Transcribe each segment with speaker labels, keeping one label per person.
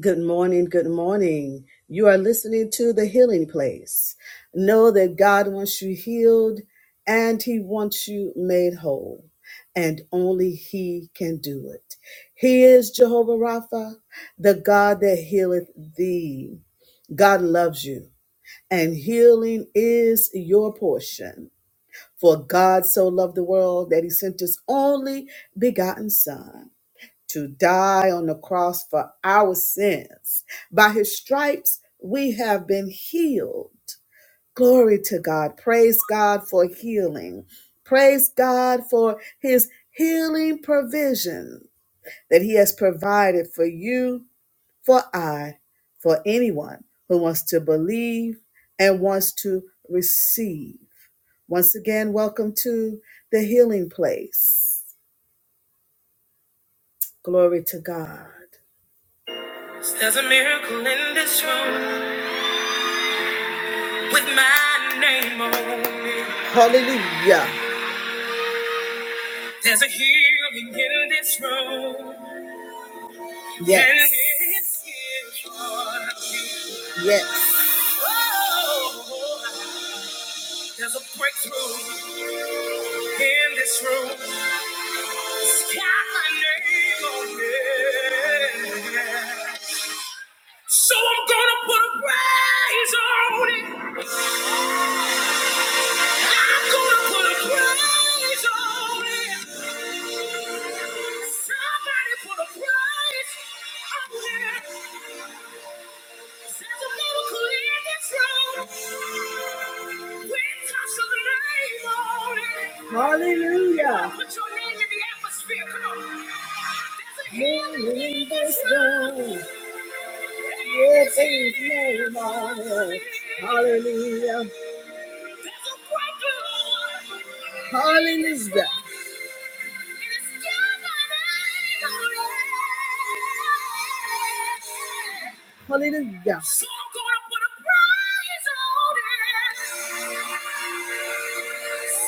Speaker 1: Good morning. Good morning. You are listening to The Healing Place. Know that God wants you healed and He wants you made whole, and only He can do it. He is Jehovah Rapha, the God that healeth thee. God loves you, and healing is your portion. For God so loved the world that He sent His only begotten Son to die on the cross for our sins. By his stripes, we have been healed. Glory to God. Praise God for healing. Praise God for his healing provision that he has provided for you, for I, for anyone who wants to believe and wants to receive. Once again, welcome to the healing place. Glory to God. There's a miracle in this room with my name on it. Hallelujah. There's a healing in this room. Yes. And it's here for- you. Yes. Oh, there's a breakthrough in this room. It's got my name on it. So I'm gonna put a praise on it. I'm gonna put a praise on it. Somebody put a praise on it. There's a miracle in this room. We touch the name on it. Hallelujah. Put your name in the atmosphere. Come on. There's a healing in this room. It's his name on it. Hallelujah. Hallelujah. Hallelujah. So I'm gonna put a prize on it.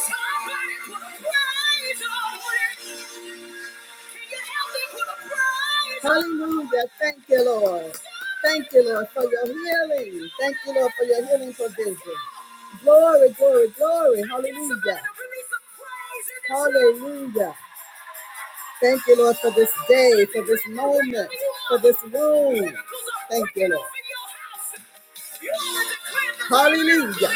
Speaker 1: Somebody put a prize on it. Can you help me put a prize on it? Hallelujah. Thank you, Lord. Thank you, Lord, for your healing. Thank you, Lord, for your healing provision. Glory, glory, glory. Hallelujah. Hallelujah. Thank you, Lord, for this day, for this moment, for this room. Thank you, Lord. Hallelujah.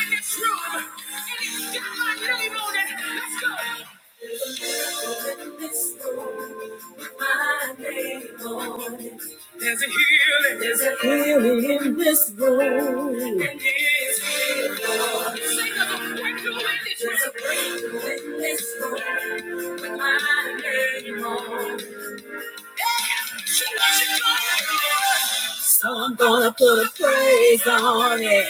Speaker 1: There's a healing. There's a healing in this room. And it's yours. There's a breakthrough with my name on So I'm gonna put a praise on it.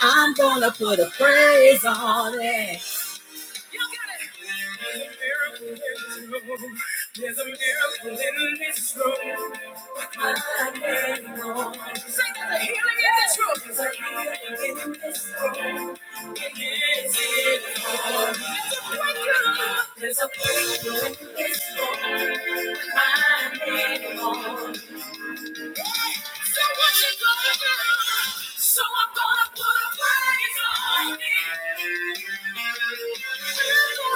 Speaker 1: I'm gonna put a praise on it. There's a miracle in this room. Say there's a healing in this room. healing in this room. It is in the room. There's a breakthrough in this room. I'm in on. So what you gonna do? So I'm gonna put a praise on it. I'm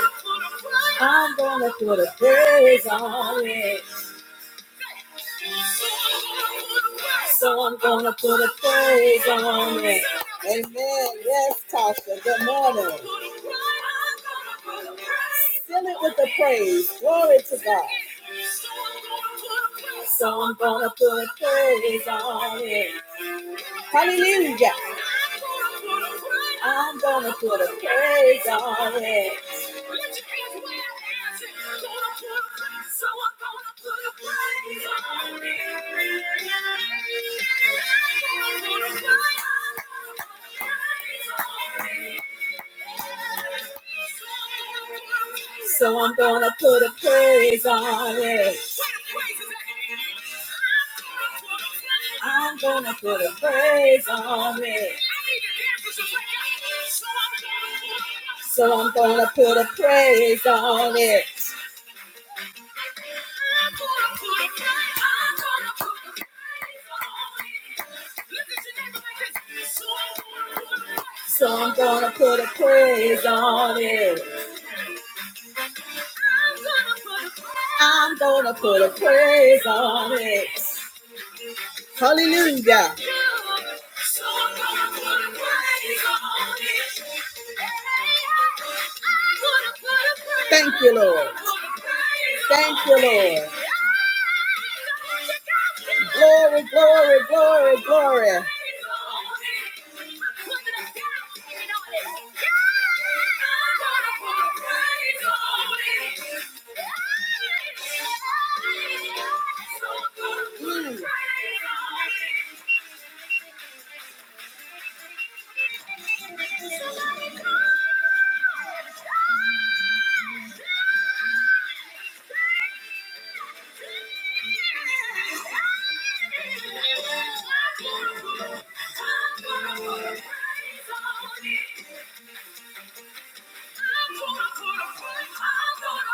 Speaker 1: gonna put a praise on it. So I'm gonna put a praise on it. Amen. Yes, Tasha. Good morning. Fill it with the praise. Glory to God. So I'm gonna put a praise on it. Hallelujah. I'm gonna put a praise on it. So I'm gonna put a praise on it. I'm gonna put a praise on it. So I'm gonna put a praise on it. So I'm gonna put a praise on it. I'm gonna put a praise on it. Hallelujah. Thank you, Lord. Thank you, Lord. Glory, glory, glory, glory. I'm gonna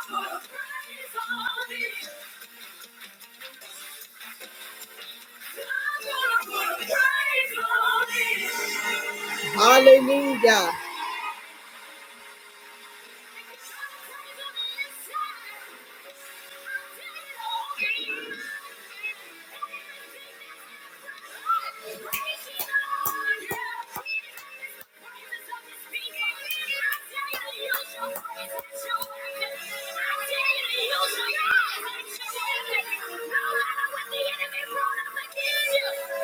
Speaker 1: put a praise on it. Hallelujah.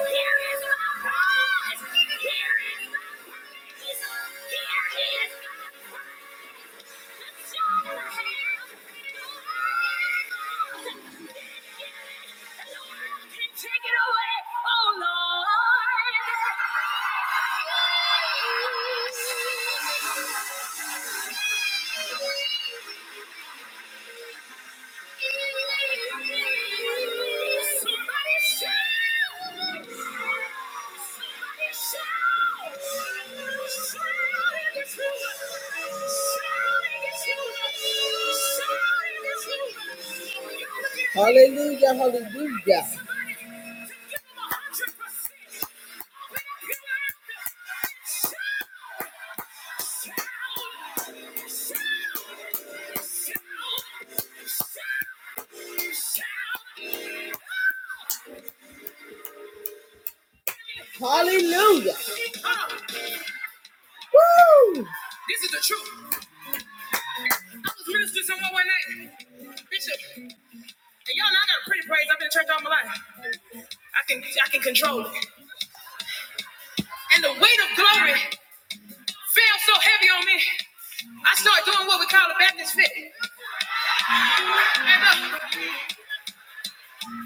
Speaker 1: Take it away, oh Lord. Hallelujah, hallelujah. Hallelujah. Woo! This is the truth. I was ministering someone one night, Bishop, and y'all know I got a pretty praise. I've been in church all my life. I can I can control it. And the weight of glory fell so heavy on me. I started doing what we call a Baptist fit. And, uh,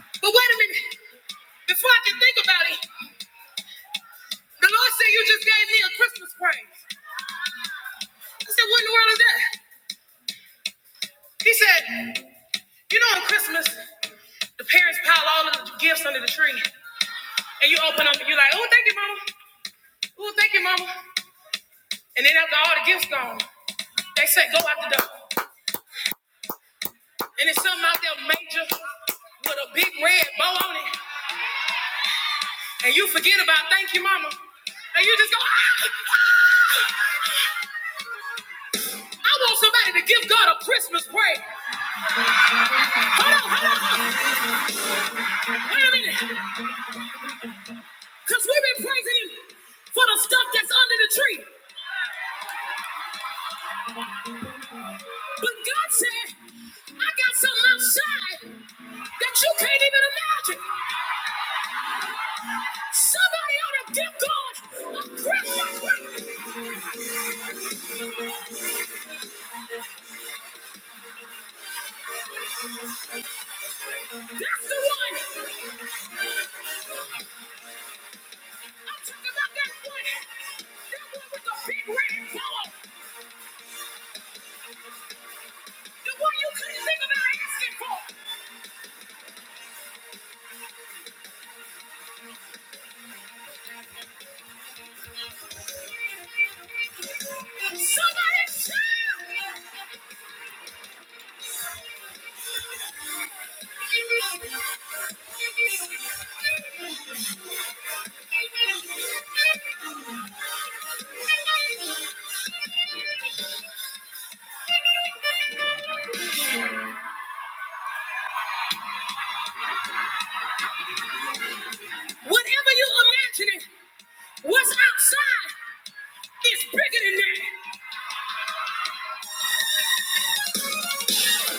Speaker 1: but wait a minute. Before I can think about it, the Lord said you just gave me a Christmas praise. I said, what in the world is that? He said, You know, on Christmas, the parents pile all of the gifts under the tree, and you open them, and you're like, "Oh, thank you, mama. Oh, thank you, mama." And then after all the gifts gone, they say, "Go out the door," and it's something out there major with a big red bow on it, and you forget about "Thank you, mama," and you just go, ah, "I want somebody to give God a Christmas praise." Hold on, hold on, hold on. wait a minute, because we've been praising Him for the stuff that's under the tree, but God said, "I got something outside." that you can't even imagine. Somebody ought to give God. That's the one. I'm talking about that one. That one with the big red ball. The one you couldn't think about asking for. Somebody shout. Whatever you're what's outside is bigger than that.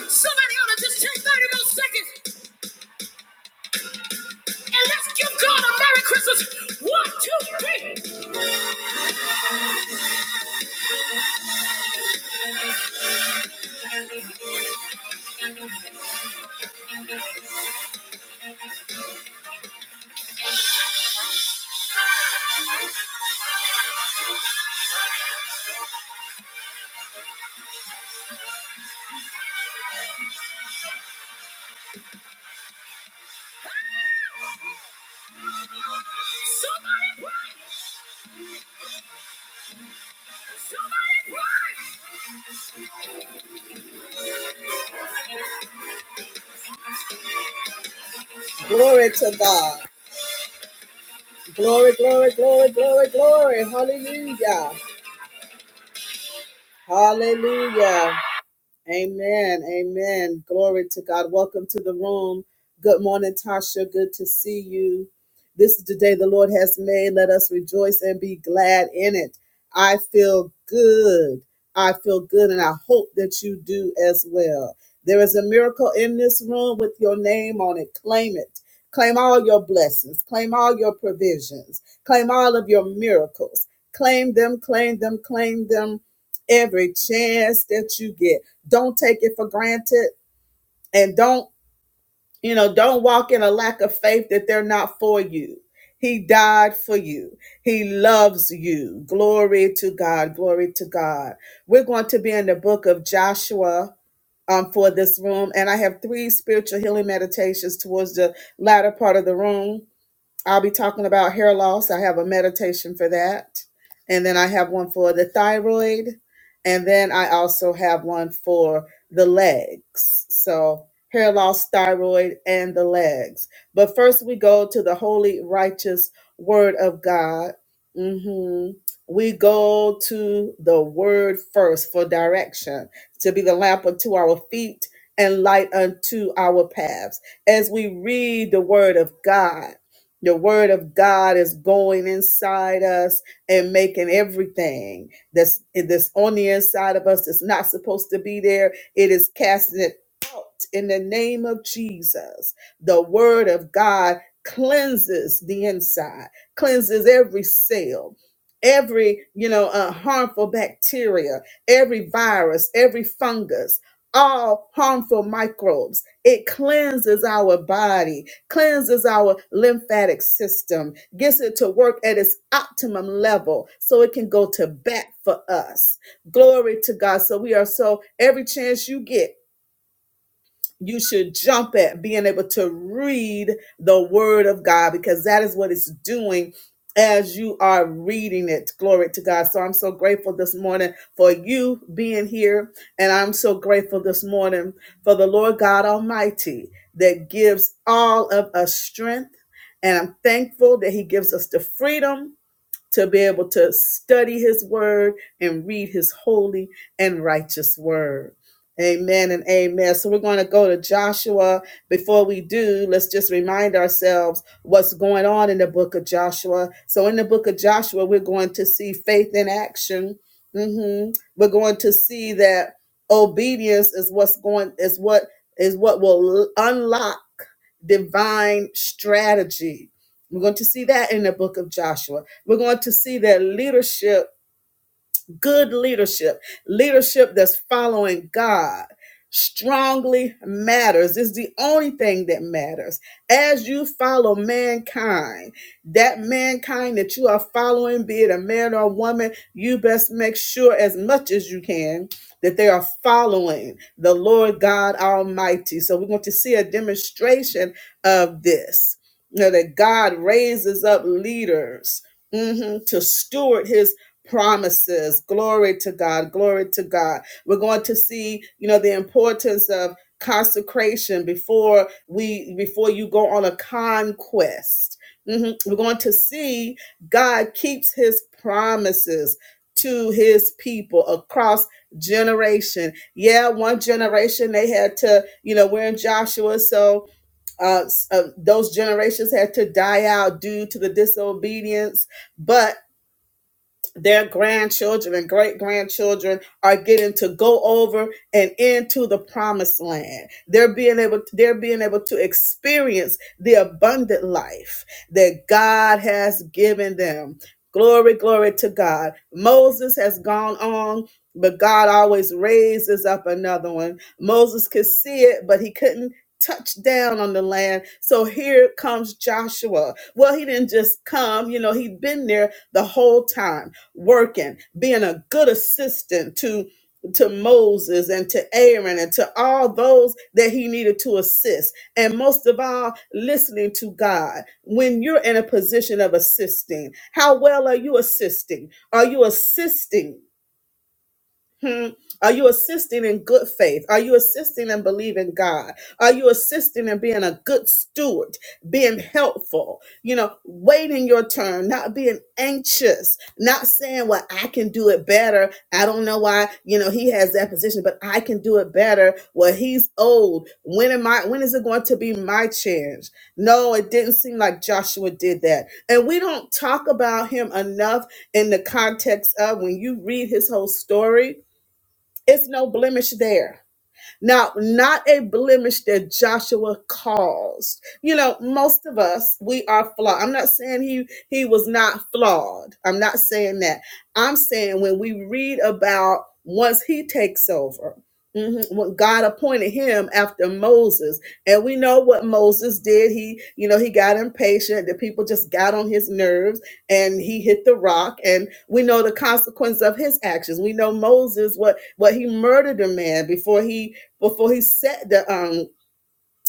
Speaker 1: Somebody ought to just take 30 more seconds and let's give God a Merry Christmas. One, two, three. Glory, glory, glory, glory, glory. Hallelujah. Hallelujah. Amen. Amen. Glory to God. Welcome to the room. Good morning, Tasha. Good to see you. This is the day the Lord has made. Let us rejoice and be glad in it. I feel good. I feel good, and I hope that you do as well. There is a miracle in this room with your name on it. Claim it. Claim all your blessings. Claim all your provisions. Claim all of your miracles. Claim them, claim them, claim them every chance that you get. Don't take it for granted and don't, you know, don't walk in a lack of faith that they're not for you. He died for you. He loves you. Glory to God. Glory to God. We're going to be in the book of Joshua um, for this room. And I have three spiritual healing meditations towards the latter part of the room I'll be talking about hair loss. I have a meditation for that. And then I have one for the thyroid. And then I also have one for the legs. So hair loss, thyroid, and the legs. But first, we go to the holy, righteous word of God. hmm We go to the word first for direction, to be the lamp unto our feet and light unto our paths. As we read the word of God, the word of God is going inside us and making everything that's that's on the inside of us that's not supposed to be there. It is casting it out in the name of Jesus. The word of God cleanses the inside, cleanses every cell, every you know uh, harmful bacteria, every virus, every fungus, all harmful microbes. It cleanses our body cleanses our lymphatic system, gets it to work at its optimum level so it can go to bat for us. Glory to God. So we are so, every chance you get, you should jump at being able to read the word of God because that is what it's doing as you are reading it. Glory to God. So I'm so grateful this morning for you being here. And I'm so grateful this morning for the Lord God Almighty that gives all of us strength. And I'm thankful that He gives us the freedom to be able to study his word and read his holy and righteous word. Amen and amen. So we're going to go to Joshua. Before we do, let's just remind ourselves what's going on in the book of Joshua. So in the book of Joshua, we're going to see faith in action. hmm We're going to see that obedience is what's going is what is what will unlock divine strategy we're going to see that in the book of Joshua. We're going to see that leadership good leadership, leadership that's following God, strongly matters. It's the only thing that matters. As you follow mankind, that mankind that you are following, be it a man or a woman, you best make sure as much as you can that they are following the Lord God Almighty. So we're going to see a demonstration of this. You know, that God raises up leaders mhm, to steward his promises. Glory to God. Glory to God. We're going to see, you know, the importance of consecration before we before you go on a conquest. Mhm. We're going to see God keeps his promises to his people across generation. Yeah, one generation they had to, you know, we're in Joshua, so uh, uh, those generations had to die out due to the disobedience, but their grandchildren and great grandchildren are getting to go over and into the promised land. They're being able they're being able to experience the abundant life that God has given them. Glory, glory to God. Moses has gone on, but God always raises up another one. Moses could see it, but he couldn't touch down on the land. So here comes Joshua. Well, he didn't just come, you know, he'd been there the whole time, working, being a good assistant to to Moses and to Aaron and to all those that he needed to assist. And most of all, listening to God. When you're in a position of assisting, how well are you assisting? Are you assisting Hmm. Are you assisting in good faith? Are you assisting and believing God? Are you assisting and being a good steward, being helpful? You know, waiting your turn, not being anxious, not saying, "Well, I can do it better." I don't know why. You know, he has that position, but I can do it better. Well, he's old. When am I? When is it going to be my chance? No, it didn't seem like Joshua did that, and we don't talk about him enough in the context of when you read his whole story it's no blemish there. Now, not a blemish that Joshua caused. You know, most of us, we are flawed. I'm not saying he he was not flawed. I'm not saying that. I'm saying when we read about once he takes over, mhm, when God appointed him after Moses, and we know what Moses did. He, you know, he got impatient. The people just got on his nerves, and he hit the rock. And we know the consequence of his actions. We know Moses what what he murdered a man before he before he set the um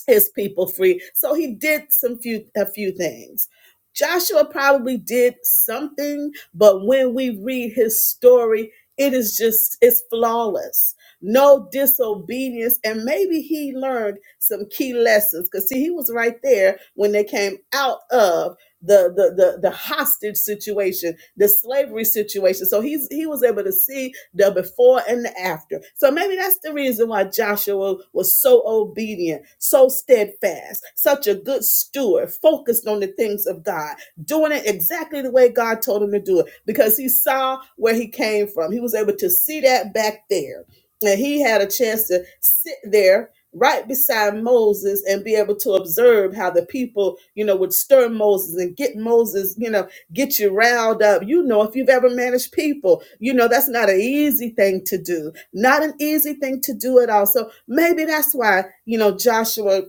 Speaker 1: his people free. So he did some few a few things. Joshua probably did something, but when we read his story, it is just it's flawless. No disobedience, and maybe he learned some key lessons because see, he was right there when they came out of the the the, the hostage situation, the slavery situation. So he's he was able to see the before and the after. So maybe that's the reason why Joshua was so obedient, so steadfast, such a good steward, focused on the things of God, doing it exactly the way God told him to do it, because he saw where he came from. He was able to see that back there. And he had a chance to sit there right beside Moses and be able to observe how the people, you know, would stir Moses and get Moses, you know, get you riled up. You know, if you've ever managed people, you know, that's not an easy thing to do. Not an easy thing to do at all. So maybe that's why, you know, Joshua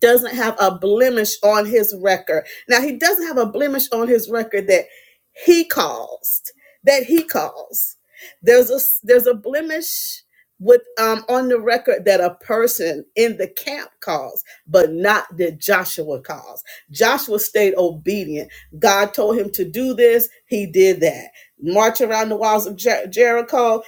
Speaker 1: doesn't have a blemish on his record. Now, he doesn't have a blemish on his record that he caused, that he caused. There's a there's a blemish with um on the record that a person in the camp caused, but not that Joshua caused. Joshua stayed obedient. God told him to do this, he did that. March around the walls of Jer- Jericho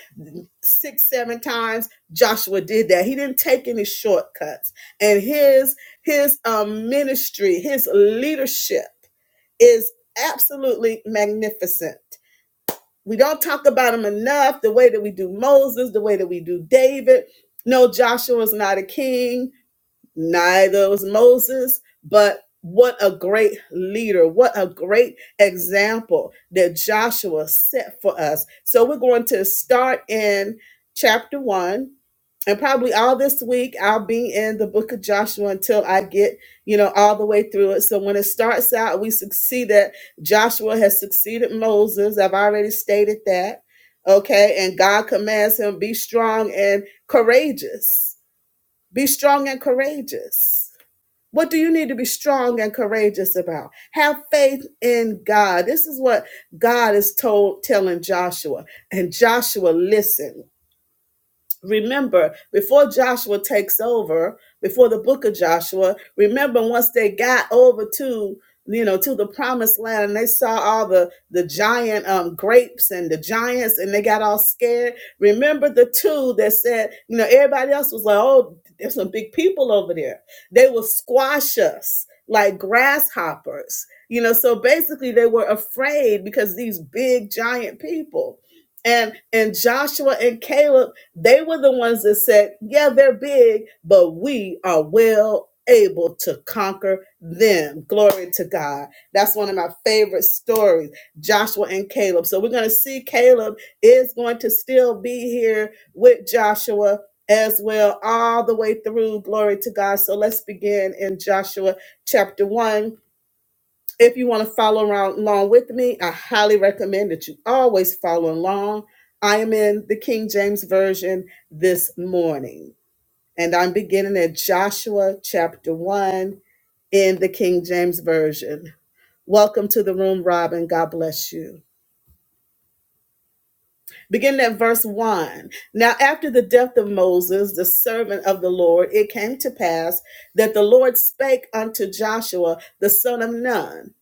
Speaker 1: six, seven times. Joshua did that. He didn't take any shortcuts. And his his um, ministry, his leadership is absolutely magnificent. We don't talk about him enough the way that we do Moses, the way that we do David. No, Joshua was not a king, neither was Moses, but what a great leader, what a great example that Joshua set for us. So we're going to start in chapter 1 and probably all this week I'll be in the book of Joshua until I get, you know, all the way through it. So when it starts out, we succeed that Joshua has succeeded Moses. I've already stated that. Okay. And God commands him be strong and courageous. Be strong and courageous. What do you need to be strong and courageous about? Have faith in God. This is what God is told telling Joshua. And Joshua listened remember before joshua takes over before the book of joshua remember once they got over to you know to the promised land and they saw all the the giant um grapes and the giants and they got all scared remember the two that said you know everybody else was like oh there's some big people over there they will squash us like grasshoppers you know so basically they were afraid because these big giant people and and Joshua and Caleb they were the ones that said, Yeah, they're big, but we are well able to conquer them. Glory to God. That's one of my favorite stories Joshua and Caleb. So we're going to see Caleb is going to still be here with Joshua as well, all the way through. Glory to God. So let's begin in Joshua chapter 1 if you want to follow around along with me, I highly recommend that you always follow along. I am in the King James Version this morning, and I'm beginning at Joshua chapter 1 in the King James Version. Welcome to the room, Robin. God bless you. Beginning at verse 1. Now, after the death of Moses, the servant of the Lord, it came to pass that the Lord spake unto Joshua, the son of Nun,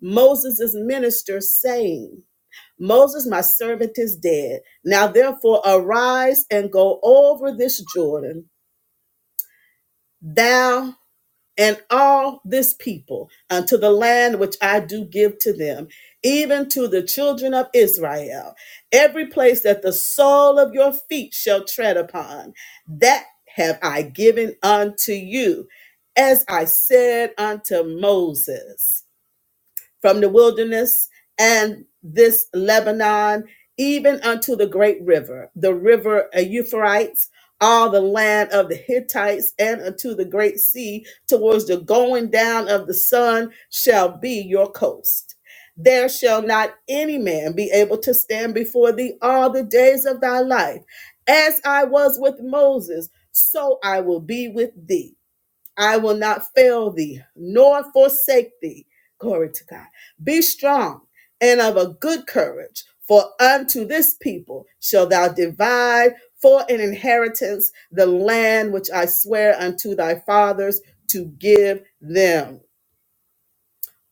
Speaker 1: Moses' minister, saying, Moses, my servant, is dead. Now therefore arise and go over this Jordan, thou and all this people, unto the land which I do give to them, even to the children of Israel. Every place that the sole of your feet shall tread upon, that have I given unto you, as I said unto Moses from the wilderness and this Lebanon, even unto the great river, the river Euphrates, all the land of the Hittites, and unto the great sea, towards the going down of the sun, shall be your coast. There shall not any man be able to stand before thee all the days of thy life. As I was with Moses, so I will be with thee I will not fail thee nor forsake thee. Glory to God. Be strong and of a good courage, for unto this people shall thou divide for an inheritance the land which I swear unto thy fathers to give them.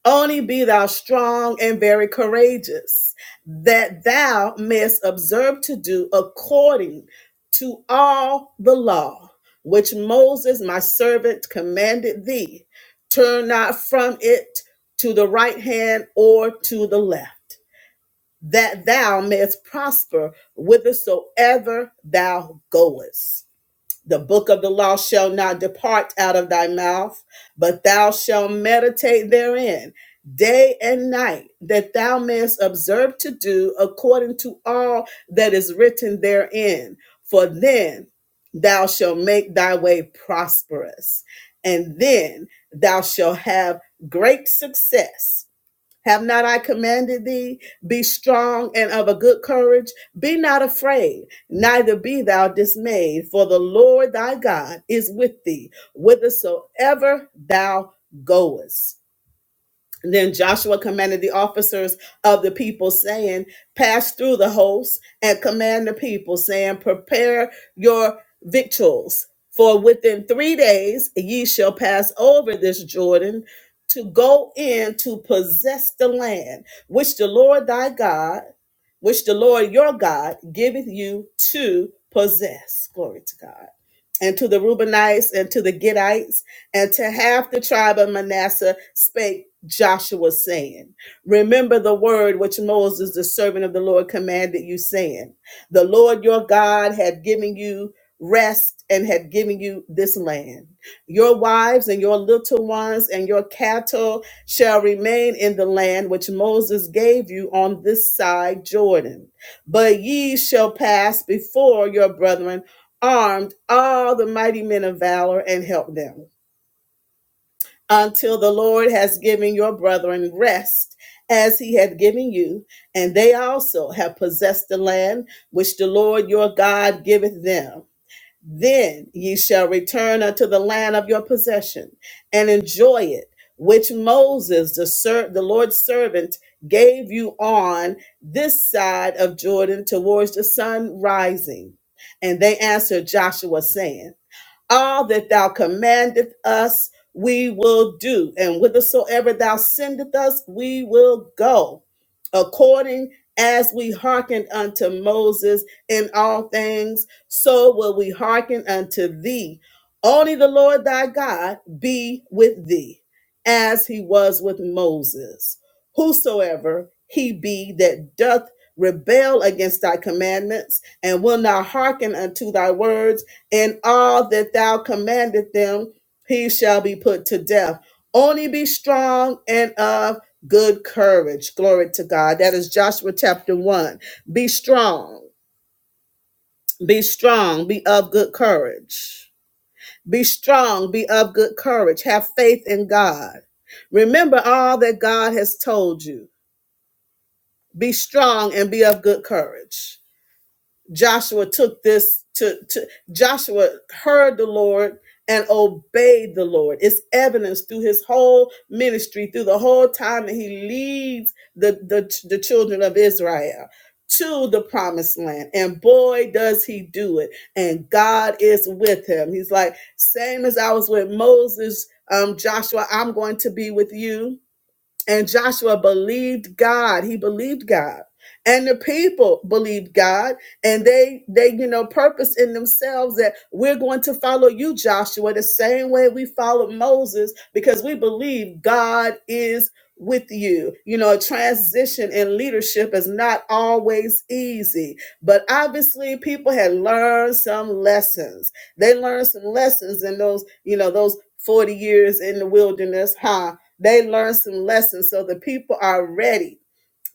Speaker 1: Only be thou strong and very courageous, that thou mayest observe to do according to all the law which Moses my servant commanded thee. Turn not from it to the right hand or to the left, that thou mayest prosper whithersoever thou goest. The book of the law shall not depart out of thy mouth, but thou shalt meditate therein day and night, that thou mayest observe to do according to all that is written therein. For then thou shalt make thy way prosperous, and then thou shalt have great success. Have not I commanded thee? Be strong and of a good courage. Be not afraid, neither be thou dismayed, for the Lord thy God is with thee whithersoever thou goest. Then Joshua commanded the officers of the people, saying, Pass through the host and command the people, saying, Prepare your victuals, for within three days ye shall pass over this Jordan to go in to possess the land which the Lord thy God, which the Lord your God giveth you to possess. Glory to God. And to the Reubenites and to the Gadites and to half the tribe of Manasseh spake Joshua, saying, Remember the word which Moses, the servant of the Lord, commanded you, saying, The Lord your God had given you rest and had given you this land. Your wives and your little ones and your cattle shall remain in the land which Moses gave you on this side Jordan. But ye shall pass before your brethren armed all the mighty men of valor and help them until the Lord has given your brethren rest as he had given you, and they also have possessed the land which the Lord your God giveth them. Then ye shall return unto the land of your possession and enjoy it, which Moses, the, ser- the Lord's servant, gave you on this side of Jordan towards the sun rising. And they answered Joshua, saying, all that thou commandeth us we will do and whithersoever thou sendeth us we will go according as we hearkened unto moses in all things so will we hearken unto thee only the lord thy god be with thee as he was with moses whosoever he be that doth rebel against thy commandments and will not hearken unto thy words and all that thou commanded them, he shall be put to death. Only be strong and of good courage. Glory to God. That is Joshua chapter 1. Be strong, be strong, be of good courage. Be strong, be of good courage. Have faith in God. Remember all that God has told you. Be strong and be of good courage. Joshua took this to, to Joshua heard the Lord and obeyed the Lord. It's evidence through his whole ministry, through the whole time that he leads the, the, the children of Israel to the promised land. And boy, does he do it. And God is with him. He's like, same as I was with Moses, um, Joshua, I'm going to be with you and Joshua believed God. He believed God. And the people believed God. And they they, you know, purpose in themselves that we're going to follow you, Joshua, the same way we followed Moses, because we believe God is with you. You know, a transition in leadership is not always easy. But obviously people had learned some lessons. They learned some lessons in those, you know, those 40 years in the wilderness, huh? They learned some lessons. So the people are ready.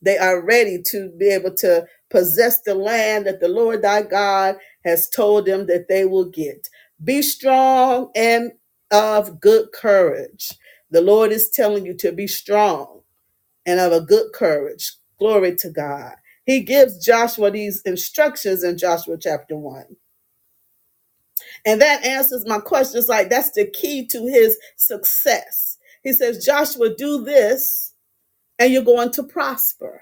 Speaker 1: They are ready to be able to possess the land that the Lord thy God has told them that they will get. Be strong and of good courage. The Lord is telling you to be strong and of a good courage. Glory to God. He gives Joshua these instructions in Joshua chapter 1. And that answers my question. It's like that's the key to his success. He says, Joshua, do this and you're going to prosper.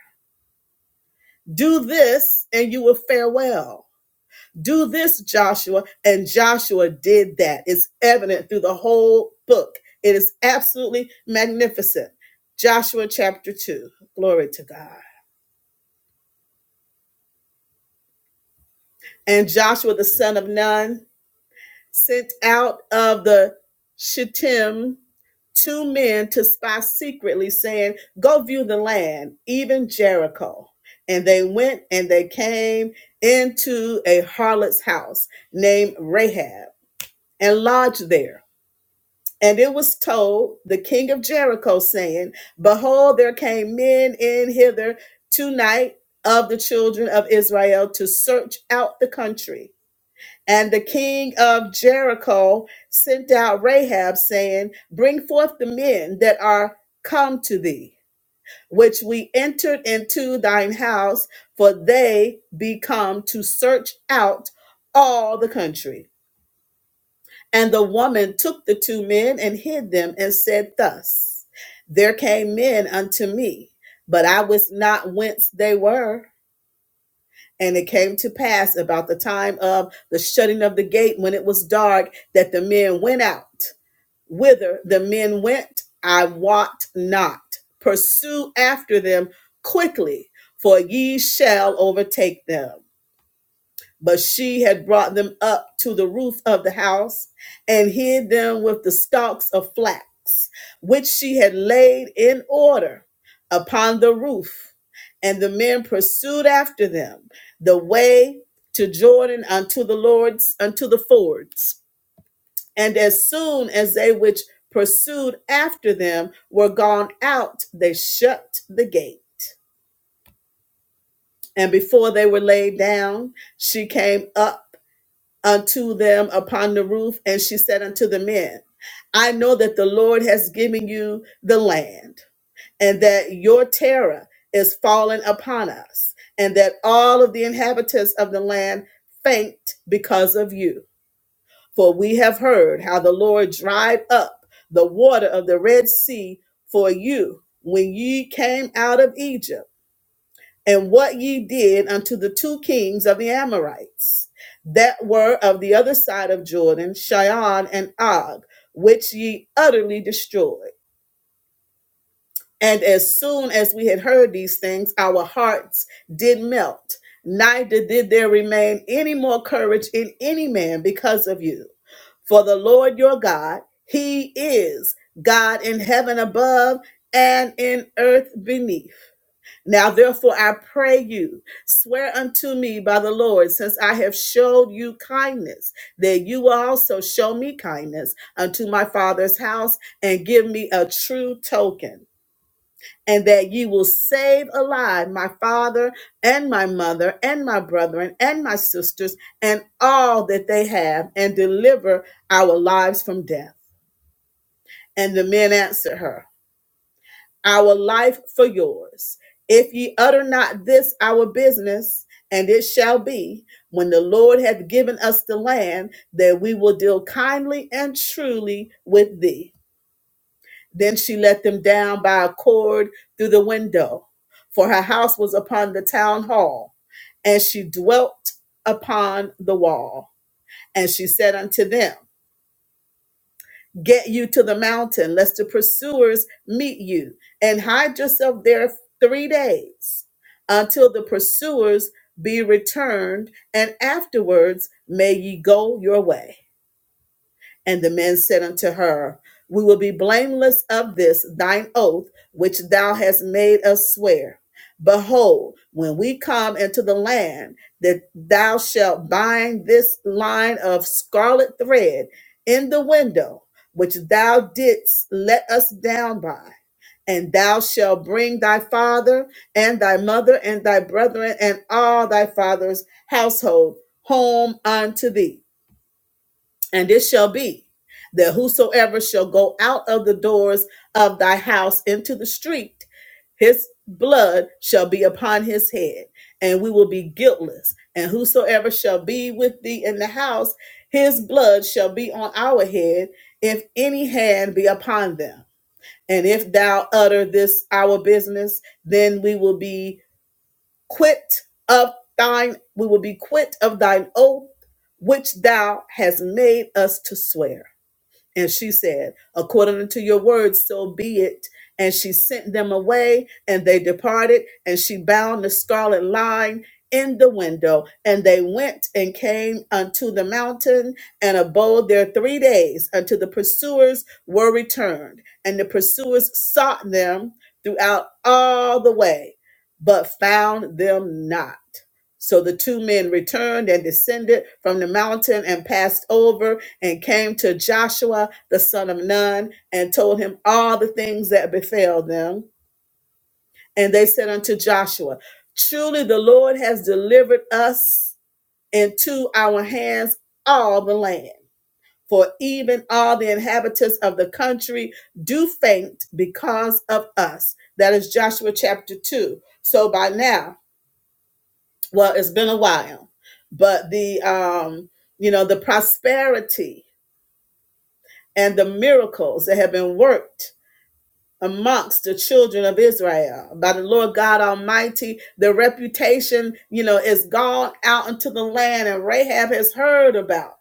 Speaker 1: Do this and you will fare well. Do this, Joshua. And Joshua did that. It's evident through the whole book. It is absolutely magnificent. Joshua chapter 2. Glory to God. And Joshua, the son of Nun, sent out of the Shittim two men to spy secretly, saying, Go view the land, even Jericho. And they went and they came into a harlot's house named Rahab and lodged there. And it was told the king of Jericho, saying, Behold, there came men in hither tonight of the children of Israel to search out the country. And the king of Jericho sent out Rahab, saying, Bring forth the men that are come to thee, which we entered into thine house, for they be come to search out all the country. And the woman took the two men and hid them, and said thus, There came men unto me, but I wist not whence they were. And it came to pass about the time of the shutting of the gate when it was dark that the men went out. Whither the men went, I wot not. Pursue after them quickly, for ye shall overtake them. But she had brought them up to the roof of the house and hid them with the stalks of flax, which she had laid in order upon the roof. And the men pursued after them the way to Jordan unto the Lord's, unto the fords. And as soon as they which pursued after them were gone out, they shut the gate. And before they were laid down, she came up unto them upon the roof, and she said unto the men, I know that the Lord has given you the land, and that your terror is fallen upon us, and that all of the inhabitants of the land faint because of you. For we have heard how the Lord dried up the water of the Red Sea for you when ye came out of Egypt and what ye did unto the two kings of the Amorites that were of the other side of Jordan, Shion and Og, which ye utterly destroyed. And as soon as we had heard these things, our hearts did melt, neither did there remain any more courage in any man because of you. For the Lord your God, He is God in heaven above and in earth beneath. Now, therefore, I pray you, swear unto me by the Lord, since I have showed you kindness, that you will also show me kindness unto my father's house and give me a true token, and that you will save alive my father and my mother and my brethren and my sisters and all that they have, and deliver our lives from death. And the men answered her our life for yours. If ye utter not this our business, and it shall be when the Lord hath given us the land that we will deal kindly and truly with thee. Then she let them down by a cord through the window, for her house was upon the town hall, and she dwelt upon the wall. And she said unto them, get you to the mountain, lest the pursuers meet you, and hide yourself there three days until the pursuers be returned, and afterwards may ye go your way. And the men said unto her, We will be blameless of this thine oath which thou hast made us swear. Behold, when we come into the land, that thou shalt bind this line of scarlet thread in the window which thou didst let us down by. And thou shalt bring thy father and thy mother and thy brethren and all thy father's household home unto thee and it shall be that whosoever shall go out of the doors of thy house into the street, his blood shall be upon his head, and we will be guiltless. And whosoever shall be with thee in the house, his blood shall be on our head, if any hand be upon them. And if thou utter this our business, then we will be quit of thine we will be quit of thine oath which thou hast made us to swear and she said, According to your word, so be it. And she sent them away, and they departed, and she bound the scarlet line in the window. And they went and came unto the mountain and abode there three days until the pursuers were returned. And the pursuers sought them throughout all the way, but found them not. So the two men returned and descended from the mountain and passed over and came to Joshua the son of Nun and told him all the things that befell them. And they said unto Joshua, Truly the Lord has delivered us into our hands all the land. For even all the inhabitants of the country do faint because of us. That is Joshua chapter 2. So by now, well it's been a while but the um you know the prosperity and the miracles that have been worked amongst the children of israel by the lord god almighty the reputation you know is gone out into the land and rahab has heard about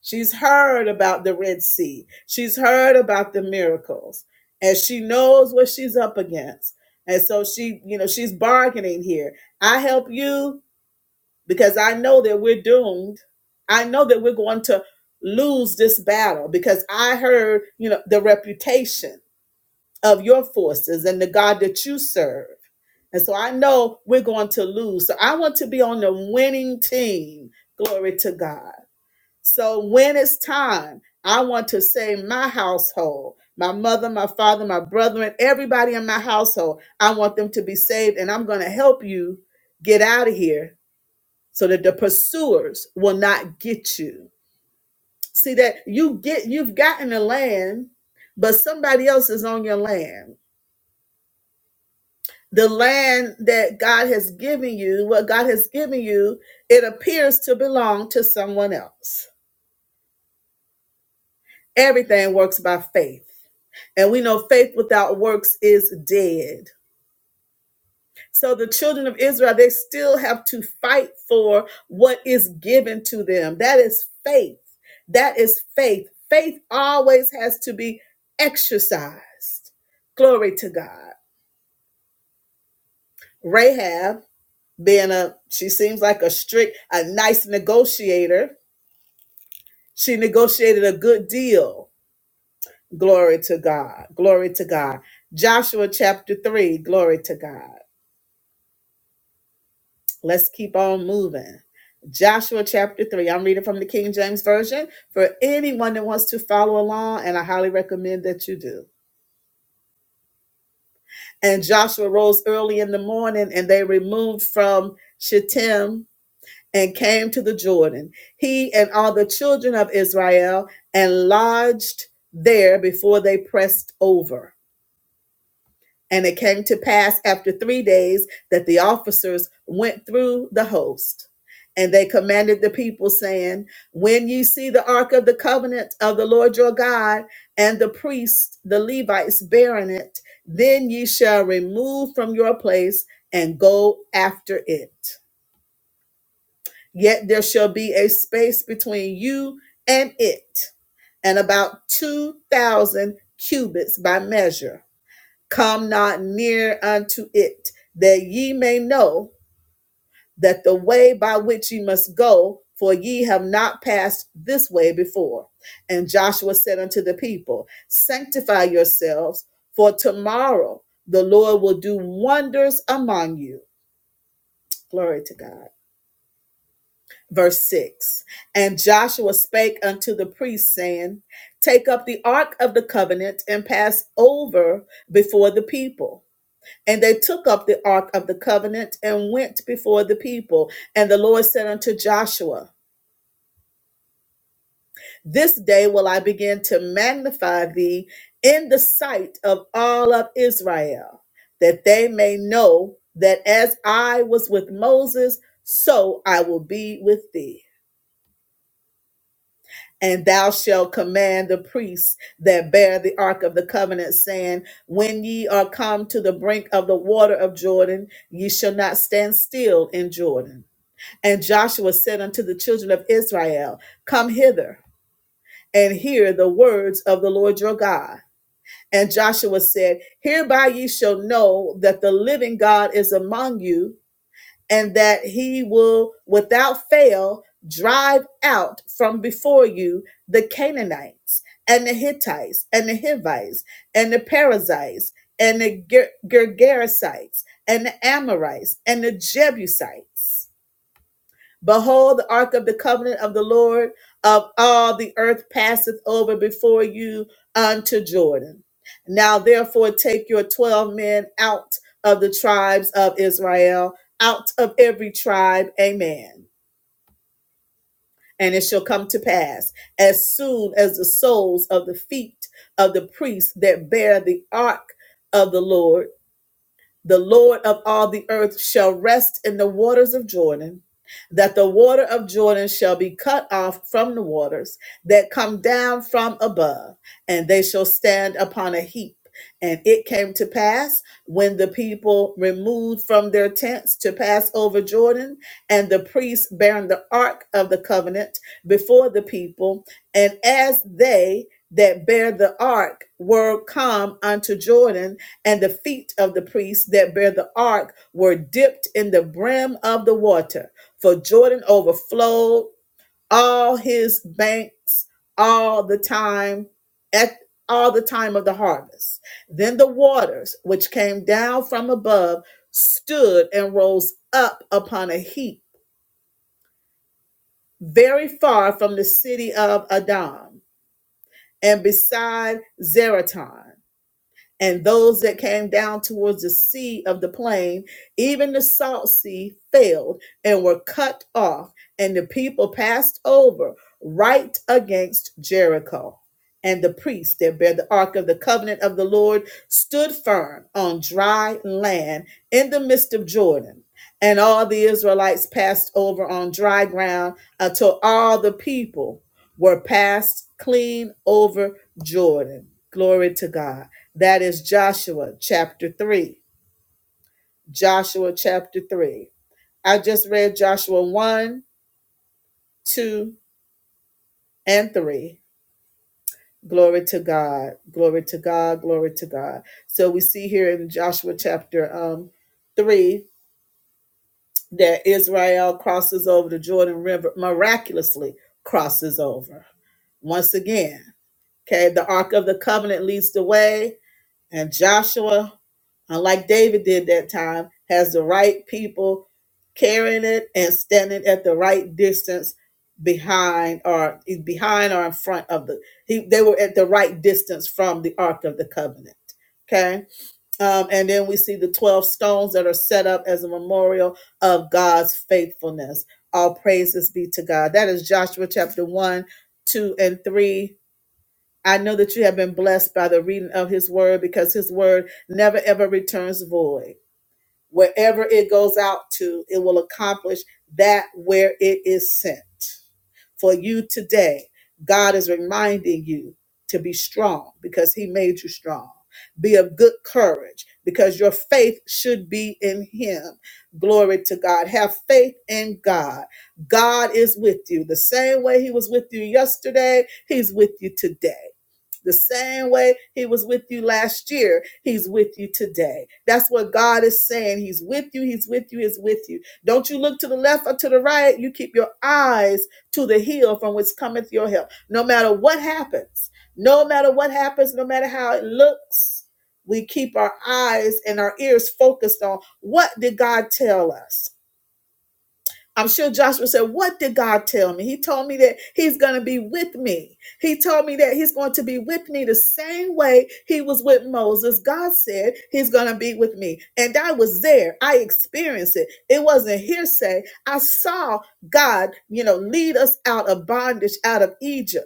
Speaker 1: she's heard about the red sea she's heard about the miracles and she knows what she's up against and so she you know she's bargaining here i help you because I know that we're doomed. I know that we're going to lose this battle because I heard, you know, the reputation of your forces and the God that you serve. And so I know we're going to lose. So I want to be on the winning team. Glory to God. So when it's time, I want to say my household, my mother, my father, my brethren, everybody in my household, I want them to be saved. And I'm going to help you get out of here so that the pursuers will not get you. See that you get you've gotten the land, but somebody else is on your land. The land that God has given you, what God has given you, it appears to belong to someone else. Everything works by faith. And we know faith without works is dead. So the children of Israel, they still have to fight for what is given to them. That is faith. That is faith. Faith always has to be exercised. Glory to God. Rahab, being a, she seems like a strict, a nice negotiator, she negotiated a good deal. Glory to God. Glory to God. Joshua chapter 3. Glory to God. Let's keep on moving. Joshua chapter 3. I'm reading from the King James Version for anyone that wants to follow along, and I highly recommend that you do. And Joshua rose early in the morning, and they removed from Shittim and came to the Jordan, he and all the children of Israel, and lodged there before they pressed over. And it came to pass after three days that the officers went through the host. And they commanded the people, saying, When you see the ark of the covenant of the Lord your God, and the priests, the Levites, bearing it, then you shall remove from your place and go after it. Yet there shall be a space between you and it, and about 2,000 cubits by measure Come not near unto it, that ye may know that the way by which ye must go, for ye have not passed this way before. And Joshua said unto the people, Sanctify yourselves, for tomorrow the Lord will do wonders among you. Glory to God. Verse 6 And Joshua spake unto the priests, saying, Take up the ark of the covenant and pass over before the people. And they took up the ark of the covenant and went before the people. And the Lord said unto Joshua, This day will I begin to magnify thee in the sight of all of Israel, that they may know that as I was with Moses, so I will be with thee. And thou shalt command the priests that bear the ark of the covenant, saying, When ye are come to the brink of the water of Jordan, ye shall not stand still in Jordan And Joshua said unto the children of Israel, Come hither and hear the words of the Lord your God. And Joshua said, Hereby ye shall know that the living God is among you, and that he will without fail drive out from before you the Canaanites, and the Hittites, and the Hivites, and the Perizzites, and the Ger- Gergesites, and the Amorites, and the Jebusites Behold, the ark of the covenant of the Lord of all the earth passeth over before you unto Jordan. Now, therefore, take your 12 men out of the tribes of Israel, out of every tribe, a man. And it shall come to pass as soon as the soles of the feet of the priests that bear the ark of the Lord the Lord of all the earth shall rest in the waters of Jordan, that the water of Jordan shall be cut off from the waters that come down from above, and they shall stand upon a heap. And it came to pass when the people removed from their tents to pass over Jordan, and the priests bearing the ark of the covenant before the people, and as they that bear the ark were come unto Jordan, and the feet of the priests that bear the ark were dipped in the brim of the water, for Jordan overflowed all his banks all the time at all the time of the harvest. Then the waters which came down from above stood and rose up upon a heap very far from the city of Adam and beside Zeraton. and those that came down towards the sea of the plain, even the salt sea, failed and were cut off, and the people passed over right against Jericho. And the priests that bear the ark of the covenant of the Lord stood firm on dry land in the midst of Jordan. And all the Israelites passed over on dry ground until all the people were passed clean over Jordan. Glory to God. That is Joshua chapter 3. Joshua chapter 3. I just read Joshua 1, 2, and 3. Glory to God. Glory to God. Glory to God. So we see here in Joshua chapter um, 3 that Israel crosses over the Jordan River, miraculously crosses over. Once again, okay, the Ark of the Covenant leads the way And Joshua, unlike David did that time, has the right people carrying it and standing at the right distance behind or behind or in front of the he they were at the right distance from the ark of the covenant okay um, and then we see the 12 stones that are set up as a memorial of god's faithfulness all praises be to god that is joshua chapter 1 2 and 3 I know that you have been blessed by the reading of his word because his word never ever returns void. Wherever it goes out to, it will accomplish that where it is sent. For you today, God is reminding you to be strong because he made you strong. Be of good courage because your faith should be in him. Glory to God. Have faith in God. God is with you. The same way he was with you yesterday, he's with you today. The same way he was with you last year, he's with you today. That's what God is saying. He's with you, he's with you, he's with you. Don't you look to the left or to the right. You keep your eyes to the hill from which cometh your help. No matter what happens, no matter what happens, no matter how it looks, we keep our eyes and our ears focused on what did God tell us? I'm sure Joshua said, What did God tell me? He told me that He's going to be with me. He told me that He's going to be with me the same way He was with Moses. God said He's going to be with me. And I was there. I experienced it. It wasn't hearsay. I saw God, you know, lead us out of bondage, out of Egypt.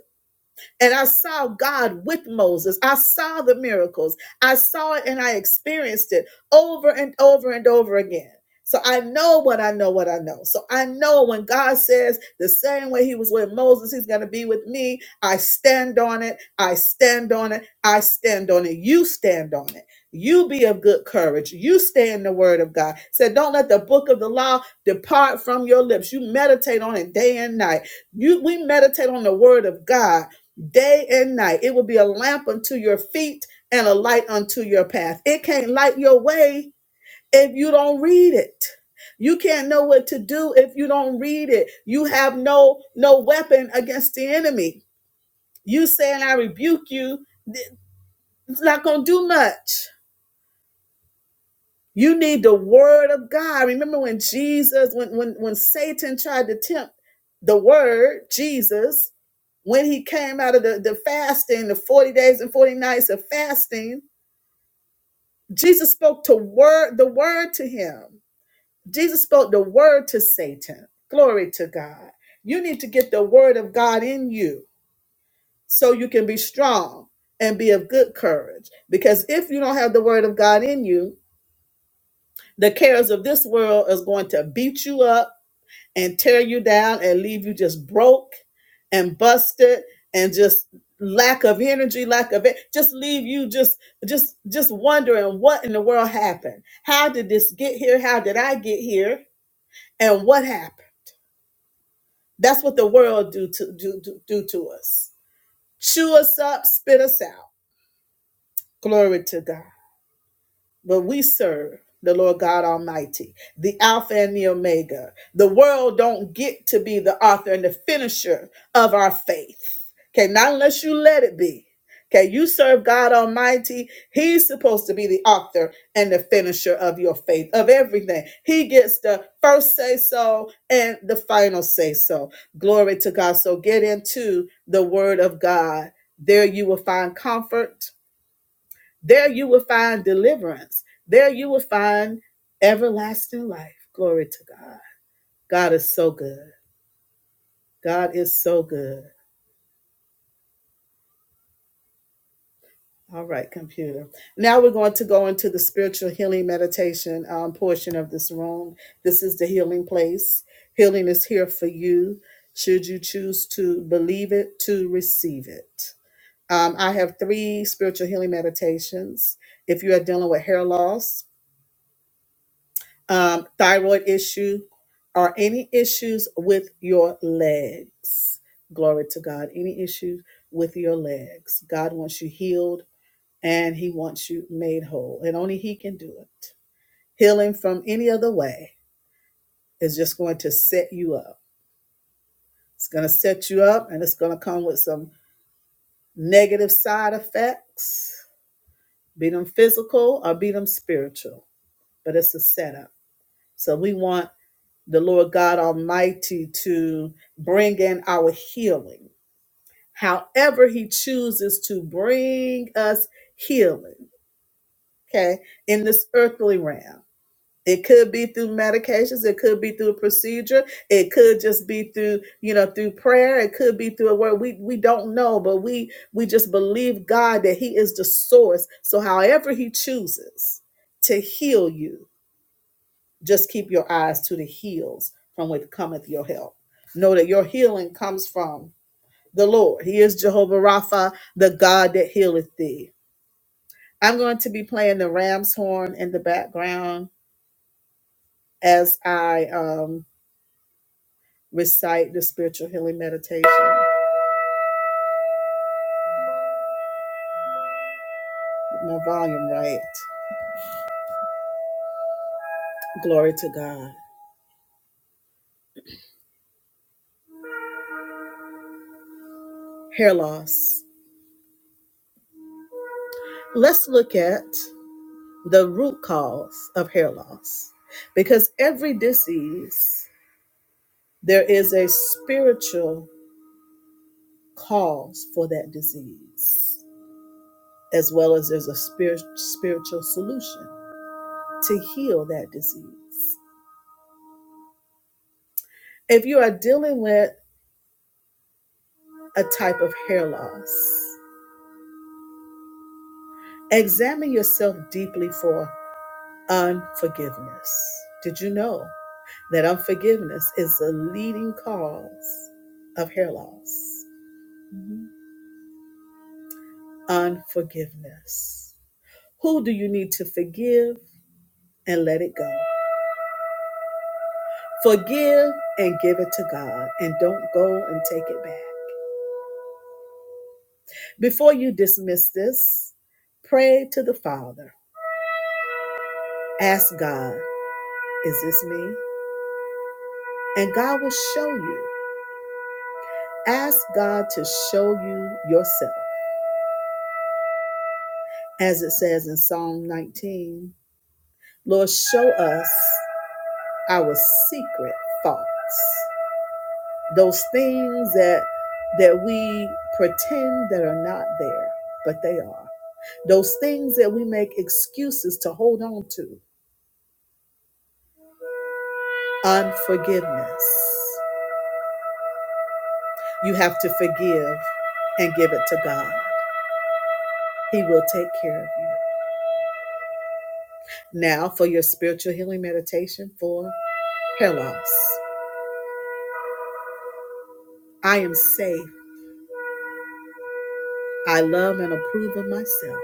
Speaker 1: And I saw God with Moses. I saw the miracles. I saw it and I experienced it over and over and over again. So I know what I know, what I know. So I know when God says the same way He was with Moses, He's going to be with me. I stand on it. I stand on it. I stand on it. You stand on it. You be of good courage. You stay in the word of God. Said, don't let the book of the law depart from your lips. You meditate on it day and night. You we meditate on the word of God day and night. It will be a lamp unto your feet and a light unto your path. It can't light your way if you don't read it. You can't know what to do if you don't read it. You have no no weapon against the enemy. You saying I rebuke you, th- it's not gonna do much. You need the word of God. Remember when Jesus, when when when Satan tried to tempt the word, Jesus, when he came out of the, the fasting, the 40 days and 40 nights of fasting, Jesus spoke to word the word to him. Jesus spoke the word to Satan. Glory to God. You need to get the word of God in you so you can be strong and be of good courage. Because if you don't have the word of God in you, the cares of this world is going to beat you up and tear you down and leave you just broke and busted and just lack of energy lack of it just leave you just just just wondering what in the world happened how did this get here how did i get here and what happened that's what the world do to do, do, do to us chew us up spit us out glory to god But we serve the Lord God Almighty, the Alpha and the Omega. The world don't get to be the author and the finisher of our faith. Okay, not unless you let it be. Okay, you serve God Almighty. He's supposed to be the author and the finisher of your faith, of everything. He gets the first say so and the final say so. Glory to God. So get into the Word of God. There you will find comfort there you will find deliverance. There you will find everlasting life. Glory to God. God is so good. God is so good. All right, computer. Now we're going to go into the spiritual healing meditation um, portion of this room. This is the healing place. Healing is here for you should you choose to believe it, to receive it. Um, I have three spiritual healing meditations. If you are dealing with hair loss, um, thyroid issue, or any issues with your legs. Glory to God. Any issues with your legs. God wants you healed and He wants you made whole, and only He can do it. Healing from any other way is just going to set you up. It's going to set you up and it's going to come with some negative side effects, be them physical or be them spiritual, but it's a setup. So we want the Lord God Almighty to bring in our healing. However, He chooses to bring us healing, okay, in this earthly realm. It could be through medications, it could be through a procedure, it could just be through, you know, through prayer, it could be through a word. We we don't know, but we we just believe God that He is the source. So however He chooses to heal you, just keep your eyes to the hills from which cometh your help. Know that your healing comes from the Lord. He is Jehovah Rapha, the God that healeth thee. I'm going to be playing the ram's horn in the background as I um, recite the spiritual healing meditation. Get My volume right. Glory to God. Hair loss. Let's look at the root cause of hair loss because every disease there is a spiritual cause for that disease, as well as there's a spirit, spiritual solution to heal that disease. If you are dealing with a type of hair loss, examine yourself deeply for unforgiveness. Did you know that unforgiveness is the leading cause of hair loss? Unforgiveness. Who do you need to forgive and let it go? Forgive and give it to God and don't go and take it back. Before you dismiss this, pray to the Father. Ask God, is this me? And God will show you. Ask God to show you yourself. As it says in Psalm 19, Lord, show us our secret thoughts. Those things that that we pretend that are not there, but they are. Those things that we make excuses to hold on to. Unforgiveness. You have to forgive and give it to God. He will take care of you. Now, for your spiritual healing meditation for hair loss. I am safe. I love and approve of myself.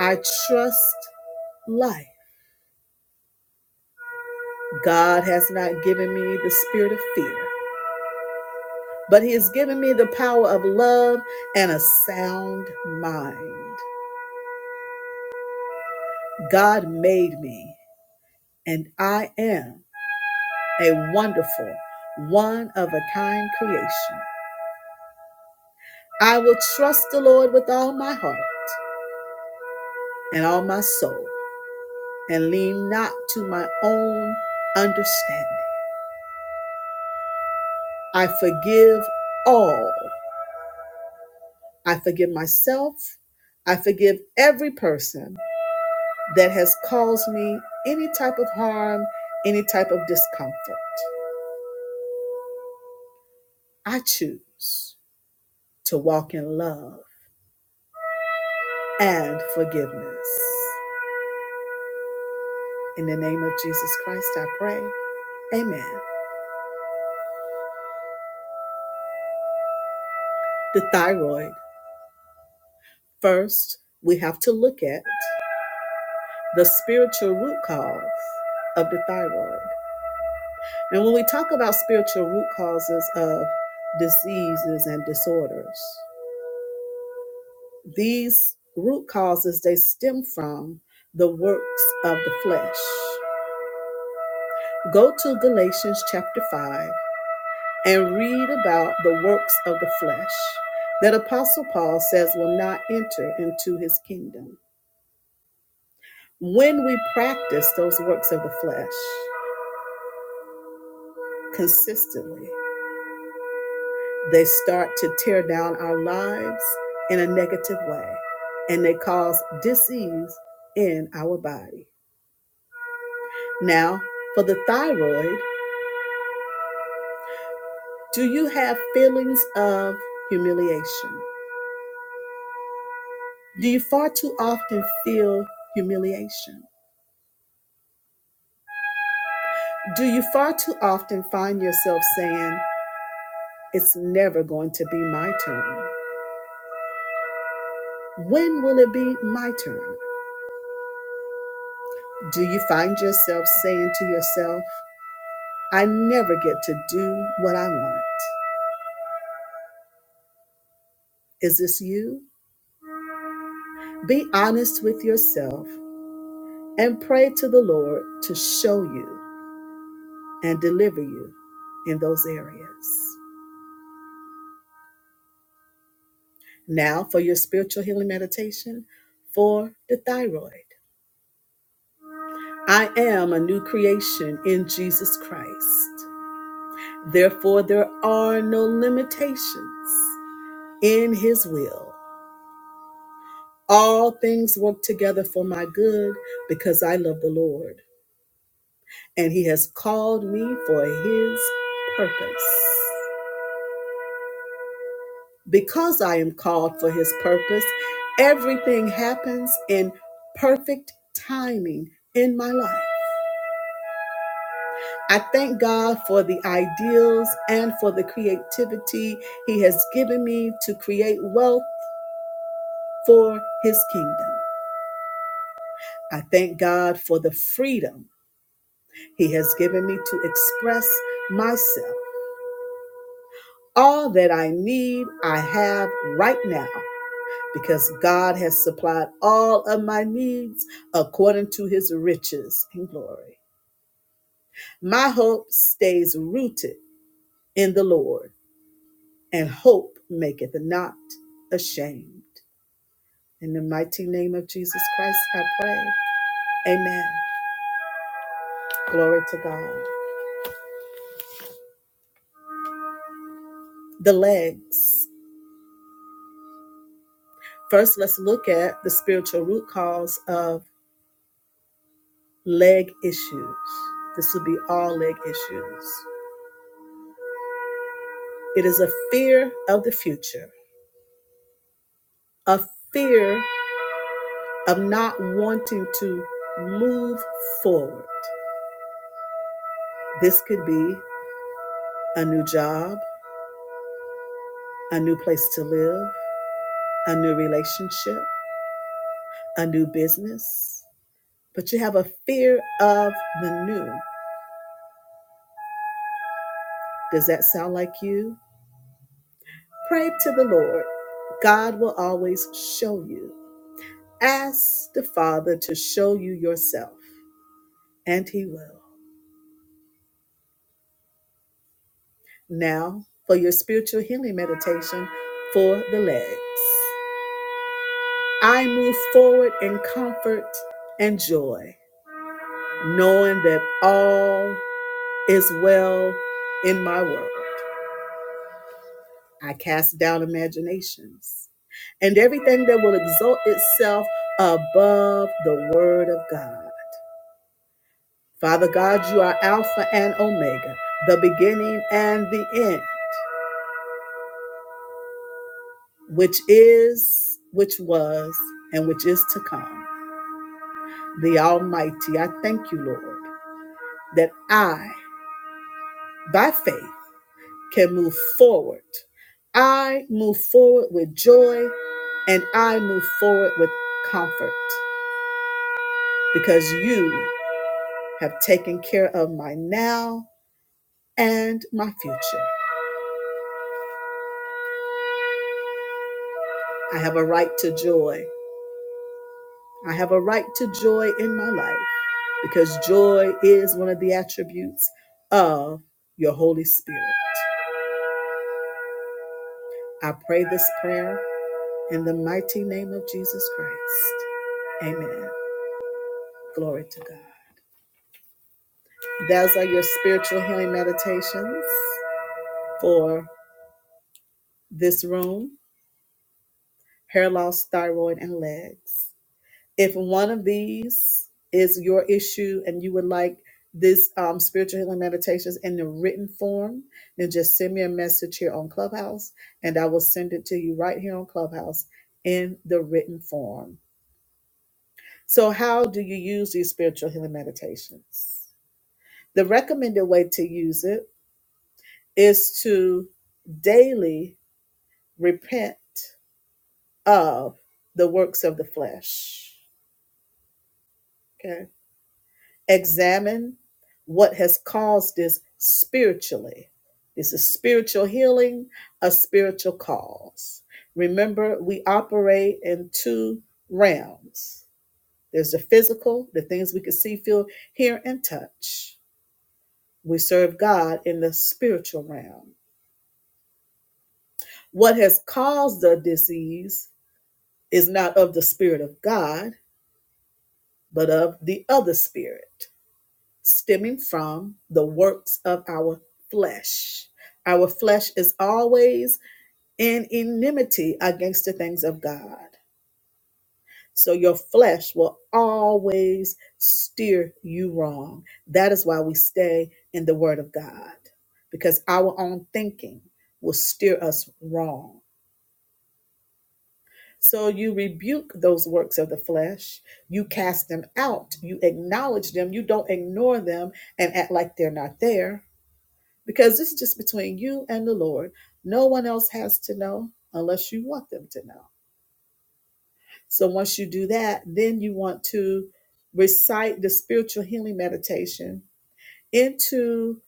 Speaker 1: I trust life. God has not given me the spirit of fear, but He has given me the power of love and a sound mind. God made me. and I am a wonderful, one of a kind creation. I will trust the Lord with all my heart and all my soul and lean not to my own understanding. I forgive all. I forgive myself. I forgive every person that has caused me any type of harm, any type of discomfort. I choose to walk in love and forgiveness. In the name of Jesus Christ, I pray. Amen. The thyroid. First, we have to look at the spiritual root cause of the thyroid. And when we talk about spiritual root causes of diseases and disorders, these root causes they stem from the works of the flesh. Go to Galatians chapter 5 and read about the works of the flesh that Apostle Paul says will not enter into his kingdom. When we practice those works of the flesh consistently, they start to tear down our lives in a negative way and they cause disease in our body. Now, for the thyroid, do you have feelings of humiliation? Do you far too often feel humiliation? Do you far too often find yourself saying, It's never going to be my turn? When will it be my turn? Do you find yourself saying to yourself, I never get to do what I want? Is this you? Be honest with yourself and pray to the Lord to show you and deliver you in those areas. Now, for your spiritual healing meditation for the thyroid. I am a new creation in Jesus Christ. Therefore, there are no limitations in his will. All things work together for my good because I love the Lord, and he has called me for his purpose. Because I am called for his purpose, everything happens in perfect timing in my life. I thank God for the ideals and for the creativity He has given me to create wealth for His kingdom. I thank God for the freedom He has given me to express myself. All that I need, I have right now because God has supplied all of my needs according to His riches and glory. My hope stays rooted in the Lord and hope maketh not ashamed. In the mighty name of Jesus Christ, I pray. Amen. Glory to God. The legs. First, let's look at the spiritual root cause of leg issues. This would be all leg issues. It is a fear of the future, a fear of not wanting to move forward. This could be a new job, a new place to live, a new relationship a new business, but you have a fear of the new. Does that sound like you? Pray to the Lord. God will always show you. Ask the Father to show you yourself, and He will. Now, for your spiritual healing meditation for the legs. I move forward in comfort and joy, knowing that all is well in my world. I cast down imaginations and everything that will exalt itself above the word of God. Father God, you are Alpha and Omega, the beginning and the end, which is, which was, and which is to come. The Almighty, I thank you, Lord, that I, by faith, can move forward. I move forward with joy and I move forward with comfort because you have taken care of my now and my future. I have a right to joy. I have a right to joy in my life because joy is one of the attributes of your Holy Spirit. I pray this prayer in the mighty name of Jesus Christ. Amen. Glory to God. Those are your spiritual healing meditations for this room hair loss, thyroid, and legs. if one of these is your issue and you would like this um, spiritual healing meditations in the written form, then just send me a message here on Clubhouse and I will send it to you right here on Clubhouse in the written form. So, how do you use these spiritual healing meditations? The recommended way to use it is to daily repent of the works of the flesh. Okay examine what has caused this spiritually. This is spiritual healing, a spiritual cause. Remember, we operate in two realms there's the physical, the things we can see, feel, hear, and touch. We serve God in the spiritual realm. What has caused the disease is not of the Spirit of God, but of the other spirit. stemming from the works of our flesh. Our flesh is always in enmity against the things of God. So your flesh will always steer you wrong. That is why we stay in the Word of God, because our own thinking will steer us wrong. So you rebuke those works of the flesh, you cast them out, you acknowledge them, you don't ignore them and act like they're not there because this is just between you and the Lord. No one else has to know unless you want them to know. So once you do that, then you want to recite the spiritual healing meditation into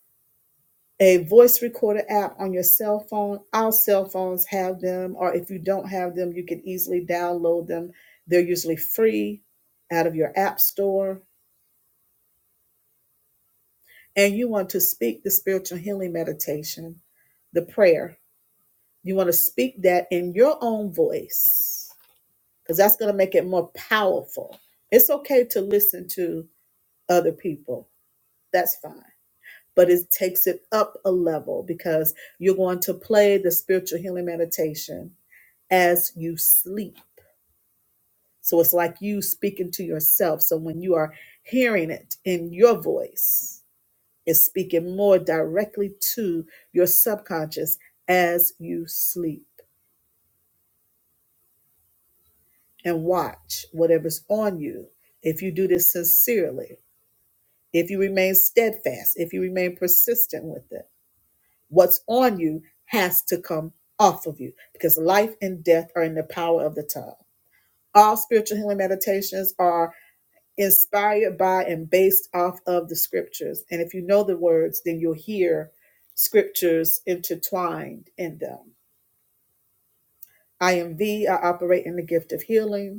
Speaker 1: a voice recorder app on your cell phone. All cell phones have them, or if you don't have them, you can easily download them. They're usually free out of your app store. And you want to speak the spiritual healing meditation, the prayer You want to speak that in your own voice because that's going to make it more powerful. It's okay to listen to other people, that's fine. But it takes it up a level because you're going to play the spiritual healing meditation as you sleep. So it's like you speaking to yourself. So when you are hearing it in your voice, it's speaking more directly to your subconscious as you sleep. and watch whatever's on you. If you do this sincerely, if you remain steadfast, if you remain persistent with it, what's on you has to come off of you because life and death are in the power of the tongue. All spiritual healing meditations are inspired by and based off of the scriptures. And if you know the words, then you'll hear scriptures intertwined in them. I am V. I operate in the gift of healing.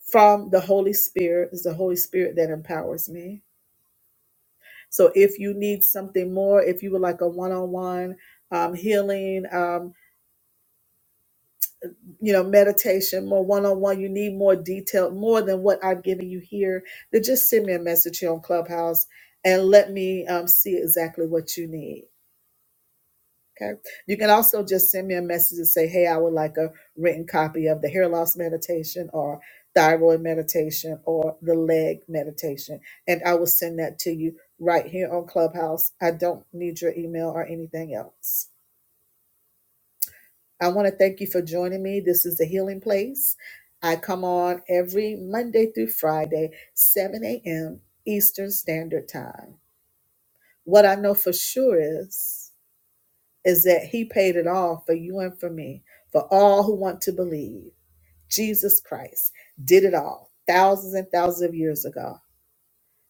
Speaker 1: from the Holy Spirit. It's the Holy Spirit that empowers me. So if you need something more, if you would like a one on one um, healing, um, you know, meditation, more one on one, you need more detail, more than what I'm giving you here, then just send me a message here on Clubhouse and let me um, see exactly what you need. Okay. You can also just send me a message and say, hey, I would like a written copy of the hair loss meditation or thyroid meditation or the leg meditation. And I will send that to you right here on Clubhouse. I don't need your email or anything else. I want to thank you for joining me. This is the Healing Place. I come on every Monday through Friday, 7 a.m. Eastern Standard Time. What I know for sure is is that he paid it all for you and for me, for all who want to believe. Jesus Christ did it all thousands and thousands of years ago.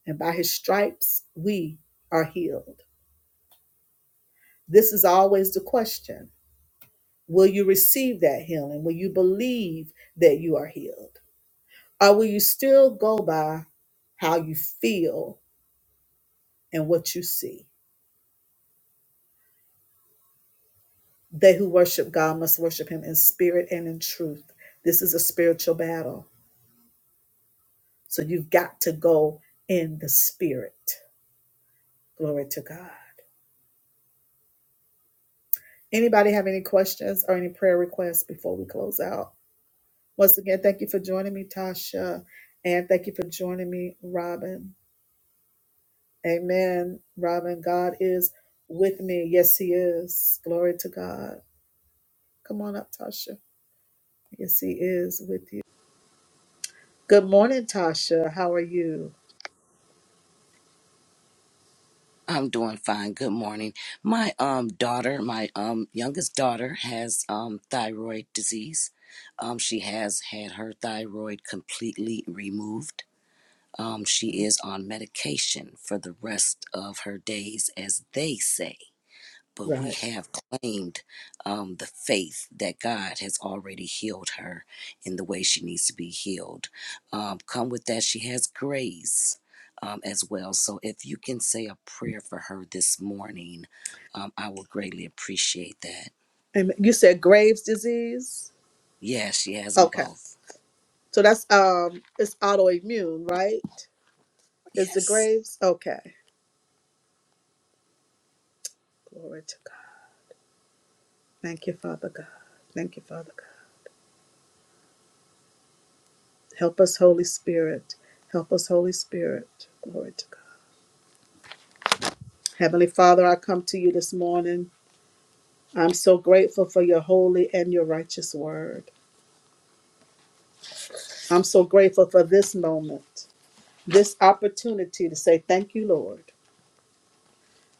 Speaker 1: And by his stripes, we are healed. This is always the question Will you receive that healing? Will you believe that you are healed? Or will you still go by how you feel and what you see? They who worship God must worship him in spirit and in truth. This is a spiritual battle. So you've got to go in the spirit. Glory to God. Anybody have any questions or any prayer requests before we close out? Once again, thank you for joining me, Tasha. And thank you for joining me, Robin. Amen. Robin, God is with me. Yes, He is. Glory to God. Come on up, Tasha. Yes, He is with you. Good morning, Tasha. How are you?
Speaker 2: I'm doing fine. Good morning. My um daughter, my um youngest daughter has um thyroid disease. Um she has had her thyroid completely removed. Um she is on medication for the rest of her days as they say but we
Speaker 1: Right.
Speaker 2: have claimed um, the faith that God has already healed her in the way she needs to be healed. Um, come with that, she has grace um, as well. So if you can say a prayer for her this morning, um, I will greatly appreciate that.
Speaker 1: And you said Graves' disease?
Speaker 2: Yes, she has them
Speaker 1: Okay.
Speaker 2: both.
Speaker 1: So that's um it's autoimmune, right? Is the
Speaker 2: Yes.
Speaker 1: graves? Okay. Glory to God. Thank you, Father God. Thank you, Father God. Help us, Holy Spirit. Help us, Holy Spirit. Glory to God. Heavenly Father, I come to you this morning. I'm so grateful for your holy and your righteous word. I'm so grateful for this moment, this opportunity to say, Thank you, Lord.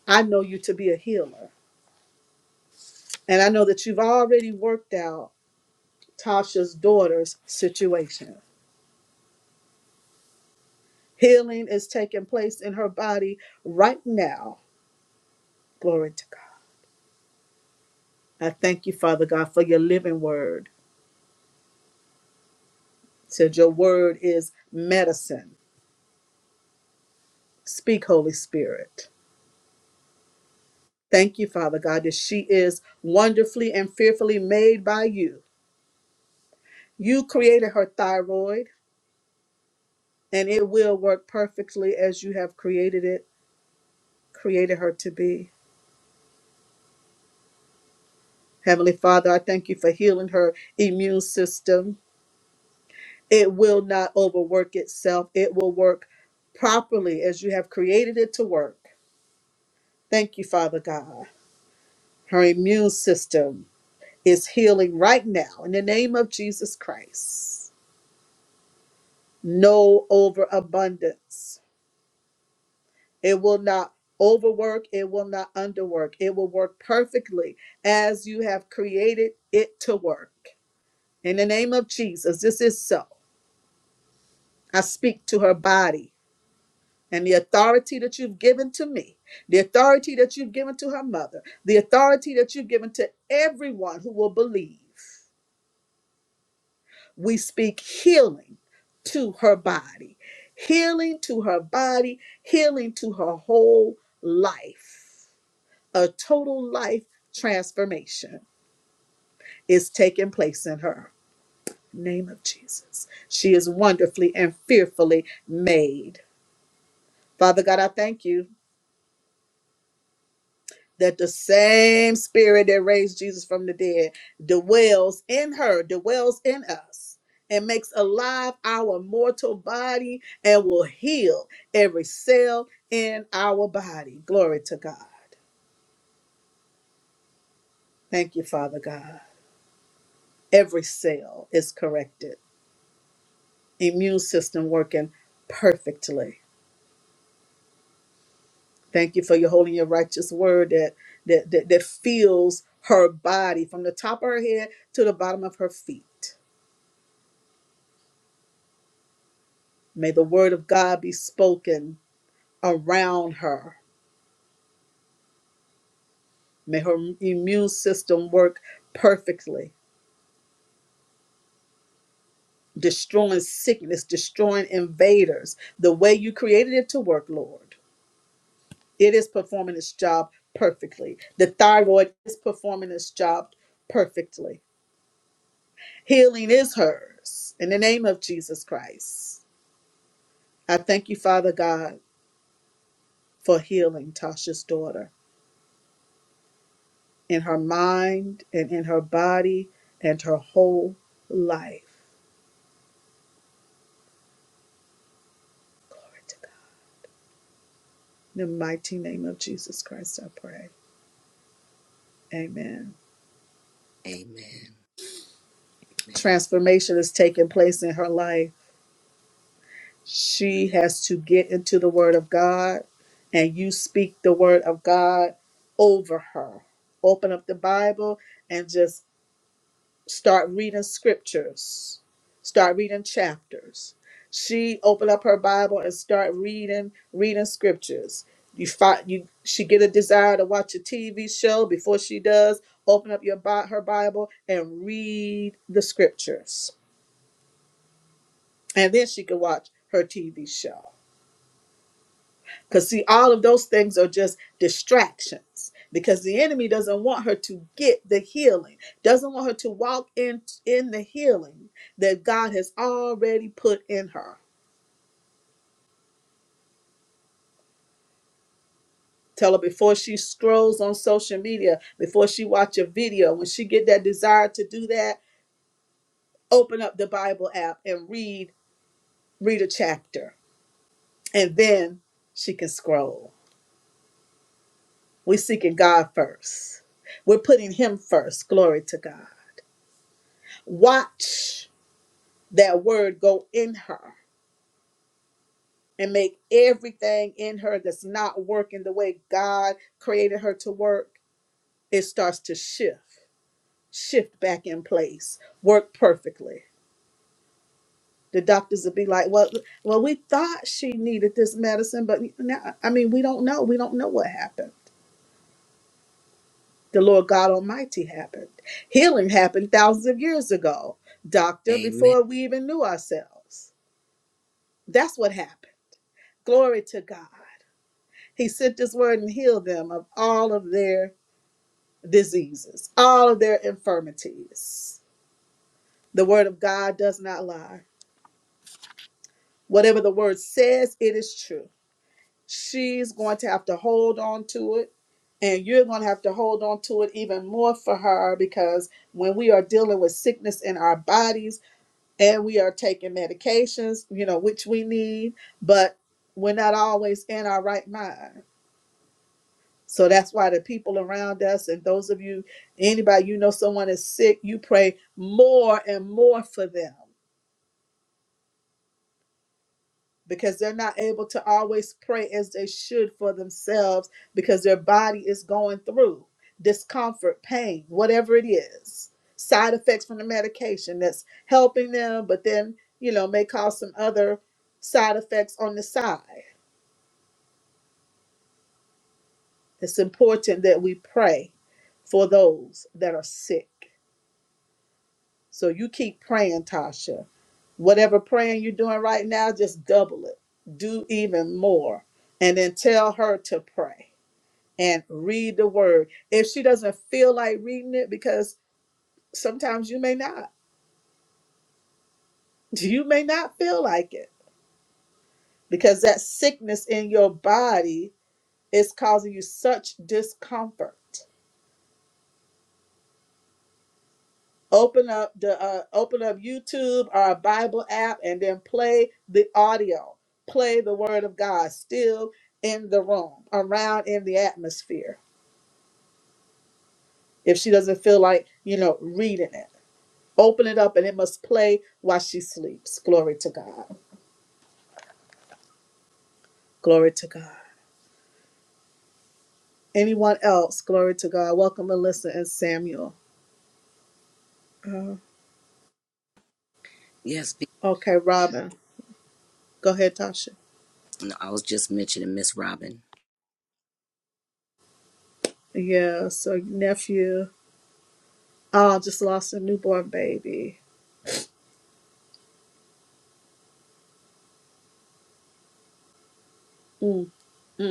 Speaker 1: I know you to be a healer. And I know that you've already worked out Tasha's daughter's situation. Healing is taking place in her body right now Glory to God. I thank you, Father God, for your living word. It said your word is medicine. Speak, Holy Spirit. Thank you, Father God, that she is wonderfully and fearfully made by you. You created her thyroid, and it will work perfectly as you have created it, created her to be. Heavenly Father, I thank you for healing her immune system. It will not overwork itself, it will work properly as you have created it to work. Thank you, Father God. Her immune system is healing right now in the name of Jesus Christ. No overabundance. It will not overwork, it will not underwork. It will work perfectly as you have created it to work. In the name of Jesus, this is so. I speak to her body and the authority that you've given to me, the authority that you've given to her mother, the authority that you've given to everyone who will believe. we speak healing to her body, healing to her body, healing to her whole life. A total life transformation is taking place in her. Name of Jesus. She is wonderfully and fearfully made. Father God, I thank you. that the same spirit that raised Jesus from the dead dwells in her, dwells in us, and makes alive our mortal body and will heal every cell in our body. Glory to God. Thank you, Father God. Every cell is corrected, immune system working perfectly. Thank you for your holy and your righteous word that that that, that fills her body from the top of her head to the bottom of her feet. May the word of God be spoken around her. May her immune system work perfectly, destroying sickness, destroying invaders, the way you created it to work, Lord. It is performing its job perfectly. The thyroid is performing its job perfectly. Healing is hers. In the name of Jesus Christ, I thank you, Father God, for healing Tasha's daughter. in her mind and in her body and her whole life. Glory to God. In the mighty name of Jesus Christ, I pray. Amen.
Speaker 2: Amen. Amen.
Speaker 1: Transformation is taking place in her life. She has to get into the Word of God, and you speak the Word of God over her. Open up the Bible and just start reading scriptures, start reading chapters. She opened up her Bible and start reading, reading scriptures. You find you she get a desire to watch a TV show before she does. Open up your Bi- her Bible and read the scriptures, and then she can watch her TV show. Because, see, all of those things are just distractions because the enemy doesn't want her to get the healing, doesn't want her to walk in, in the healing that God has already put in her. Tell her before she scrolls on social media, before she watch a video, when she get that desire to do that, open up the Bible app and read read a chapter, and then she can scroll. We're seeking God first. We're putting Him first. Glory to God. Watch that word go in her and make everything in her that's not working the way God created her to work, it starts to shift, shift back in place, work perfectly. The doctors would be like, "Well, well, we thought she needed this medicine, but now, I mean, we don't know. We don't know what happened. The Lord God Almighty happened. Healing happened thousands of years ago, doctor,
Speaker 2: Amen.
Speaker 1: before we even knew ourselves. That's what happened. Glory to God." He sent his word and healed them of all of their diseases, all of their infirmities. The word of God does not lie. Whatever the word says, it is true. She's going to have to hold on to it, and you're going to have to hold on to it even more for her because when we are dealing with sickness in our bodies and we are taking medications, you know, which we need, but we're not always in our right mind. So that's why the people around us and those of you, anybody you know someone is sick, you pray more and more for them because they're not able to always pray as they should for themselves because their body is going through discomfort, pain, whatever it is, side effects from the medication that's helping them, but then, you know, may cause some other side effects on the side. It's important that we pray for those that are sick. So you keep praying, Tasha. Whatever praying you're doing right now, just double it. Do even more. And then tell her to pray and read the word. If she doesn't feel like reading it, because sometimes you may not, you may not feel like it because that sickness in your body is causing you such discomfort. open up the uh, open up YouTube or a Bible app and then play the audio, play the word of God still in the room, around in the atmosphere. If she doesn't feel like, you know, reading it, open it up and it must play while she sleeps. Glory to God. Glory to God. Anyone else? Glory to God. Welcome, Melissa and Samuel. Uh,
Speaker 2: Yes, be-
Speaker 1: okay, Robin. Go ahead, Tasha.
Speaker 2: I was just mentioning Miss Robin.
Speaker 1: Yeah, so nephew. Oh, just lost a newborn baby. Mm, mm.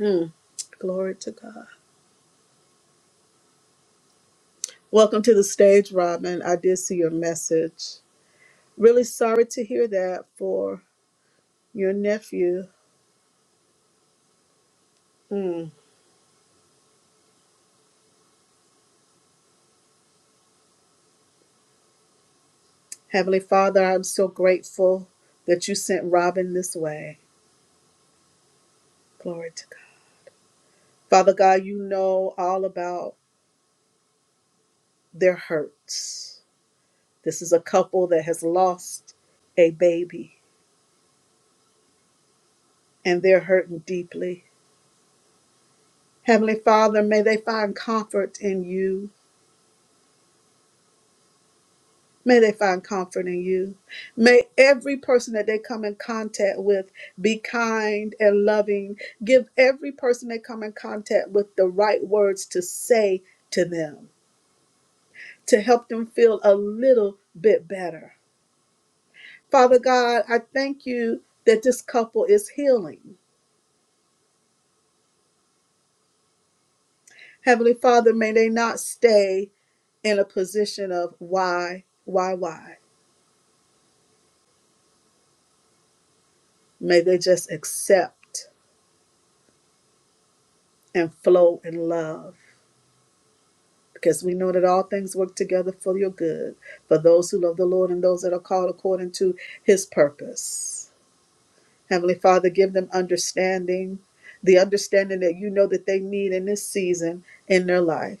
Speaker 1: Mm. Glory to God. Welcome to the stage, Robin. I did see your message. Really sorry to hear that for your nephew. Mm. Heavenly Father, I'm so grateful that you sent Robin this way. Glory to God. Father God, you know all about their hurts. This is a couple that has lost a baby and they're hurting deeply. Heavenly Father, may they find comfort in you May they find comfort in you. May every person that they come in contact with be kind and loving. Give every person they come in contact with the right words to say to them to help them feel a little bit better. Father God, I thank you that this couple is healing. Heavenly Father, may they not stay in a position of why, why, why. May they just accept and flow in love. because we know that all things work together for your good, for those who love the Lord and those that are called according to his purpose. Heavenly Father, give them understanding, the understanding that you know that they need in this season in their life.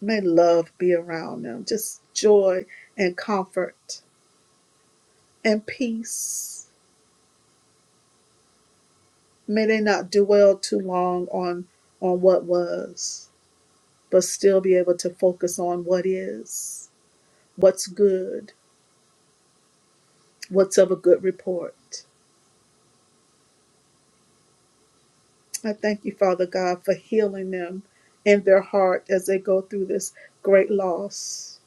Speaker 1: May love be around them, just joy and comfort and peace. May they not dwell too long on, on what was, but still be able to focus on what is, what's good, what's of a good report. I thank you, Father God, for healing them in their heart as they go through this great loss.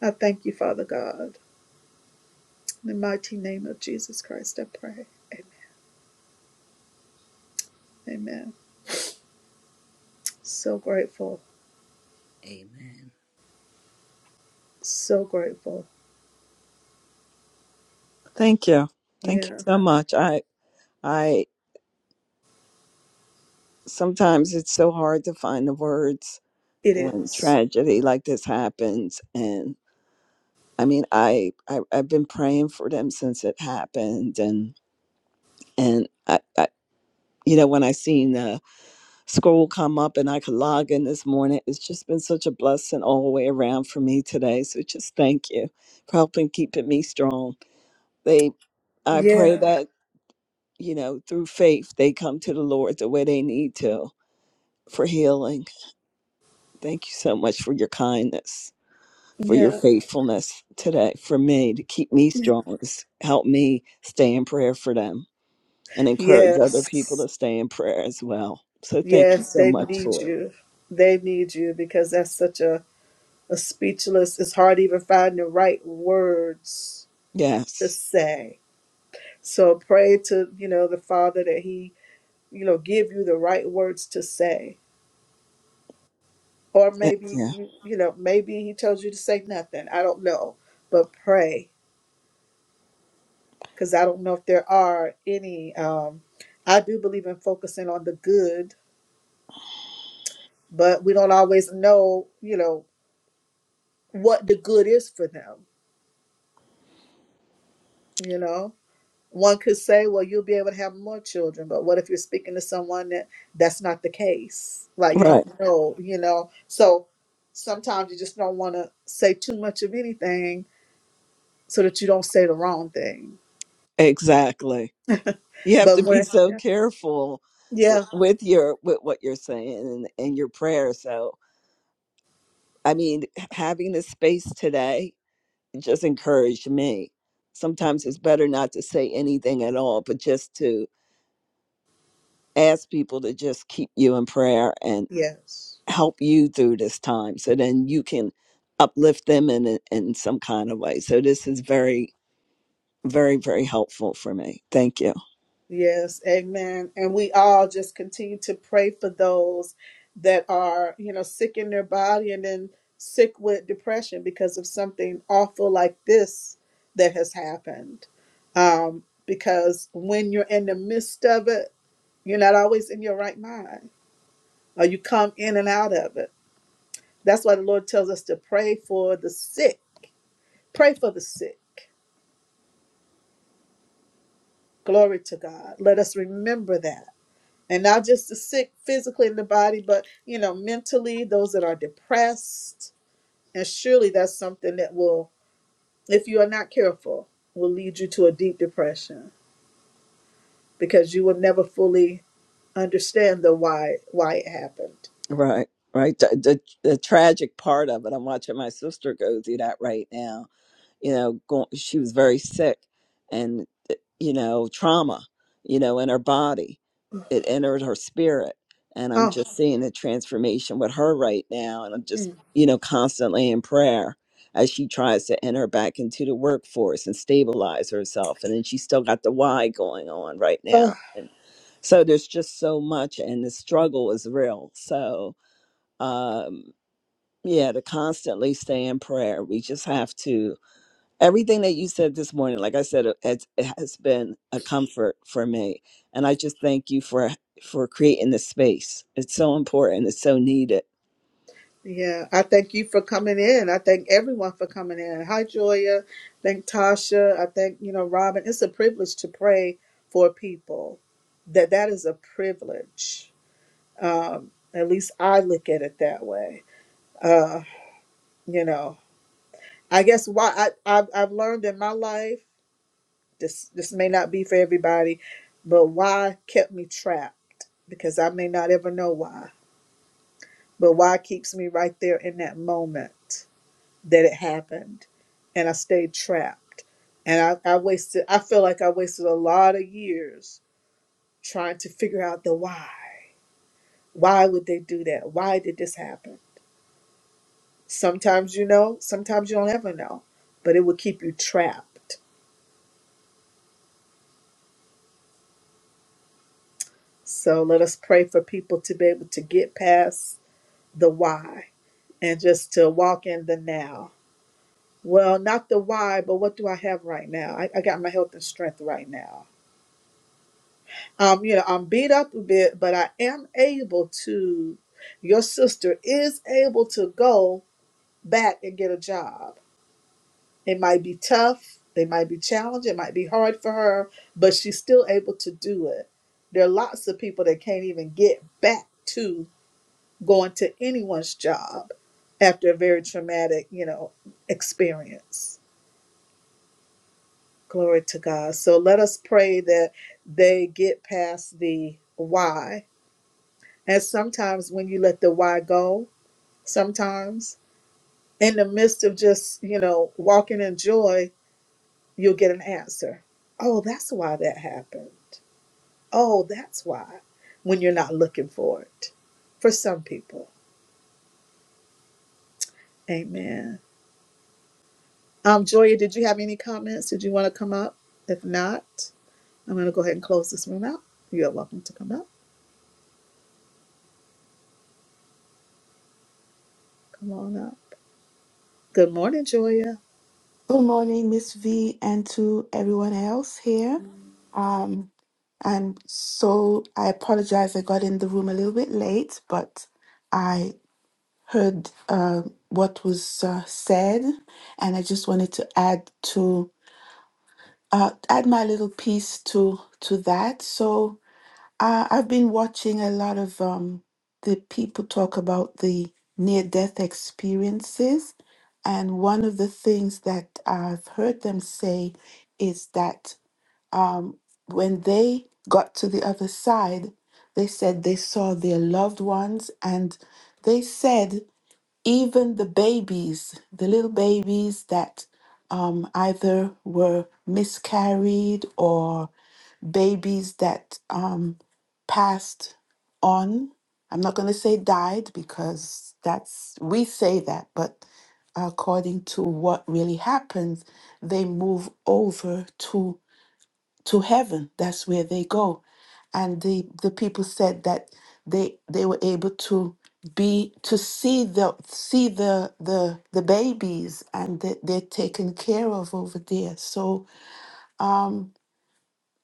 Speaker 1: I thank you, Father God. In the mighty name of Jesus Christ, I pray. Amen. Amen. So grateful.
Speaker 2: Amen.
Speaker 1: So grateful.
Speaker 3: Thank you. Thank you
Speaker 1: Yeah,
Speaker 3: so much. I I sometimes it's so hard to find the words
Speaker 1: it
Speaker 3: when
Speaker 1: is.
Speaker 3: tragedy like this happens and I mean I, I I've been praying for them since it happened and and I, I you know when I seen the scroll come up and I could log in this morning it's just been such a blessing all the way around for me today so just thank you for helping keeping me strong. They I pray
Speaker 1: Yeah.
Speaker 3: that you know through faith they come to the Lord the way they need to for healing. Thank you so much for your kindness, for your
Speaker 1: Yeah.
Speaker 3: faithfulness today, for me to keep me
Speaker 1: Yeah.
Speaker 3: strong. s- Help me stay in prayer for them and encourage other people
Speaker 1: Yes.
Speaker 3: to stay in prayer as well. So thank you
Speaker 1: Yes,
Speaker 3: so
Speaker 1: they
Speaker 3: much
Speaker 1: need
Speaker 3: for it.
Speaker 1: you. They need you because that's such a, a speechless, it's hard even finding the right words to
Speaker 3: Yes.
Speaker 1: say So pray to, you know, the Father that he, you know, give you the right words to say. Or
Speaker 3: Thank
Speaker 1: maybe
Speaker 3: you.
Speaker 1: you, you know, maybe he tells you to say nothing. I don't know. But pray cuz I don't know if there are any um I do believe in focusing on the good, but we don't always know, you know, what the good is for them, you know? One could say, well, you'll be able to have more children, but what if you're speaking to someone that that's not the case? Like you
Speaker 3: Right.
Speaker 1: don't know, you know. So sometimes you just don't want to say too much of anything so that you don't say the wrong thing.
Speaker 3: Exactly. You have
Speaker 1: But
Speaker 3: to be
Speaker 1: when,
Speaker 3: so
Speaker 1: yeah,
Speaker 3: careful with,
Speaker 1: yeah,
Speaker 3: with your with what you're saying and, and your prayer. So I mean, having this space today just encouraged me. Sometimes it's better not to say anything at all, but just to ask people to just keep you in prayer and
Speaker 1: yes,
Speaker 3: help you through this time so then you can uplift them in, in in some kind of way. So this is very, very, very helpful for me. Thank you.
Speaker 1: Yes, amen. And we all just continue to pray for those that are, you know, sick in their body and then sick with depression because of something awful like this that has happened. Um, because when you're in the midst of it, you're not always in your right mind, or you come in and out of it. That's why the Lord tells us to pray for the sick. Pray for the sick. Glory to God. Let us remember that and not just the sick physically in the body, but you know, mentally, those that are depressed. And surely that's something that will, if you are not careful, will lead you to a deep depression because you will never fully understand the why why it happened.
Speaker 3: Right. Right. The, the, the tragic part of it, I'm watching my sister go through that right now you know going, she was very sick and eh, you know trauma you know in her body it entered her spirit and i'm
Speaker 1: Oh,
Speaker 3: just seeing the transformation with her right now and i'm just
Speaker 1: mm,
Speaker 3: you know constantly in prayer as she tries to enter back into the workforce and stabilize herself and then she's still got the why going on right
Speaker 1: oh
Speaker 3: now and so there's just so much and the struggle is real so um yeah to constantly stay in prayer we just have to everything that you said this morning, like I said, it, it's- it has been a comfort for me, and I just thank you for for creating this space. It's so important. It's so needed
Speaker 1: yeah. I thank you for coming in. I thank everyone for coming in. Hi Joya. Thank Tasha. I thank, you know, Robin. It's a privilege to pray for people. That that is a privilege Um, at least I look at it that way. Uh, you know, I guess why I, I've, I've learned in my life, this, this may not be for everybody, but why kept me trapped? Because I may not ever know why, but why keeps me right there in that moment that it happened and I stayed trapped. And I, I wasted, I feel like I wasted a lot of years trying to figure out the why. Why would they do that? Why did this happen? Sometimes you know, sometimes you don't ever know, but it will keep you trapped. So let us pray for people to be able to get past the why and just to walk in the now. Well, not the why, but what do I have right now? I, I got my health and strength right now. Um, you know, I'm beat up a bit, but I am able to. Your sister is able to go back and get a job It might be tough, they might be challenged, it might be hard for her, but she's still able to do it. There are lots of people that can't even get back to going to anyone's job after a very traumatic, you know, experience. Glory to God. So let us pray that they get past the why. And sometimes when you let the why go, sometimes in the midst of just, you know, walking in joy, you'll get an answer. Oh, that's why that happened. Oh, that's why when you're not looking for it. For some people. Amen. Um, Joya, did you have any comments? Did you want to come up? If not, I'm going to go ahead and close this room out. You're welcome to come up. Come on up. Good morning, Joya.
Speaker 4: Good morning, Miss V, and to everyone else here. Um, I'm so I apologize. I got in the room a little bit late, but I heard uh, what was uh, said, and I just wanted to add to uh, add my little piece to to that. So I, I've been watching a lot of um, the people talk about the near death experiences. And one of the things that I've heard them say is that when they got to the other side, they said they saw their loved ones and they said even the babies, the little babies that um, either were miscarried or babies that um, passed on. I'm not going to say died because that's, we say that, but according to what really happens, they move over to to heaven. That's where they go. And the, the people said that they they were able to be to see the see the the the babies and that they're taken care of over there. So um,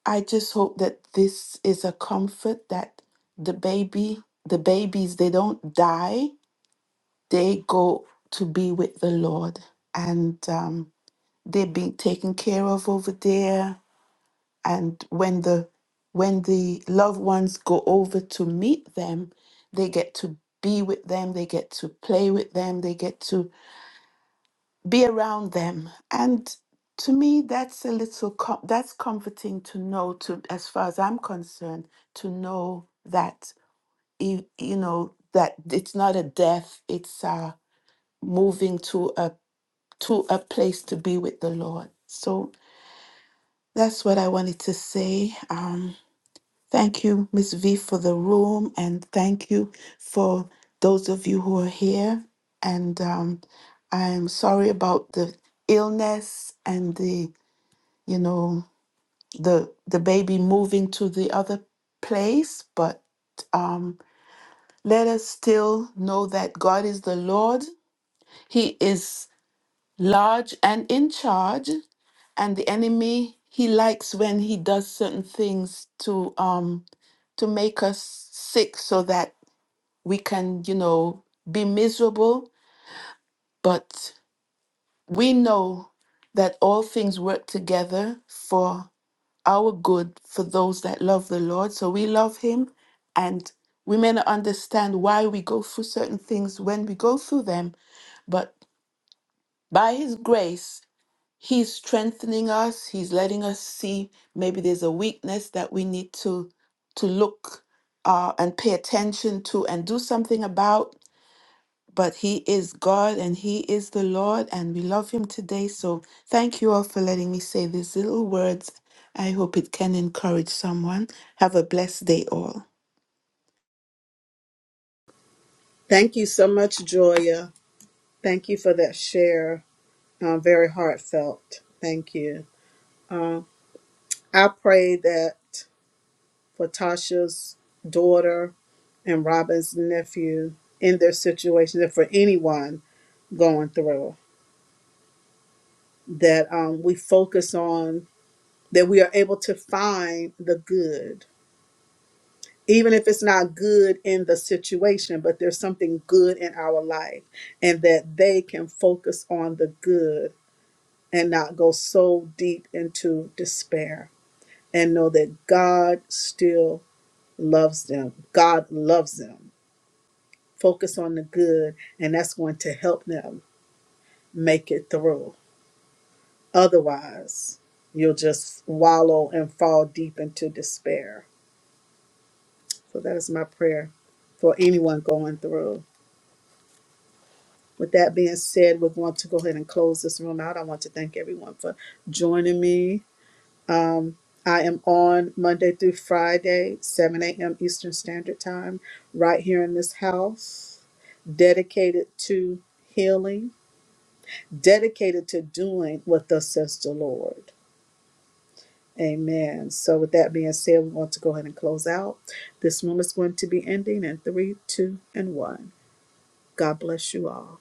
Speaker 4: I just hope that this is a comfort that the baby, the babies, they don't die. They go to be with the Lord and um, they're being taken care of over there. And when the when the loved ones go over to meet them, they get to be with them, they get to play with them, they get to be around them and to me that's a little com- that's comforting to know to as far as i'm concerned to know that you, you know that it's not a death it's uh moving to a to a place to be with the lord so that's what i wanted to say um thank you miss v for the room and thank you for those of you who are here and um i'm sorry about the illness and the you know the the baby moving to the other place but um let us still know that God is the Lord he is large and in charge and the enemy he likes when he does certain things to um to make us sick so that we can you know be miserable but we know that all things work together for. our good for those that love the Lord. So we love Him, and we may not understand why we go through certain things when we go through them, but by His grace, He's strengthening us. He's letting us see maybe there's a weakness that we need to to look uh, and pay attention to and do something about but He is God and He is the Lord, and we love Him today. So thank you all for letting me say these little words. I hope it can encourage someone. Have a blessed day, all.
Speaker 1: Thank you so much, Joya. Thank you for that share. Um, very heartfelt. Thank you. Um, I pray that. for Tasha's daughter and Robin's nephew in their situation, and for anyone going through, that um, we focus on, that we are able to find the good, even if it's not good in the situation, but there's something good in our life, and that they can focus on the good and not go so deep into despair and know that God still loves them. God loves them focus on the good, and that's going to help them make it through. Otherwise, you'll just wallow and fall deep into despair. So, that is my prayer for anyone going through. With that being said, we're going to go ahead and close this room out. I want to thank everyone for joining me. Um, I am on Monday through Friday, 7 a.m. Eastern Standard Time, right here in this house, dedicated to healing dedicated to doing what thus says the Lord. Amen. So, with that being said, we want to go ahead and close out. This room is going to be ending in three, two, and one. God bless you all.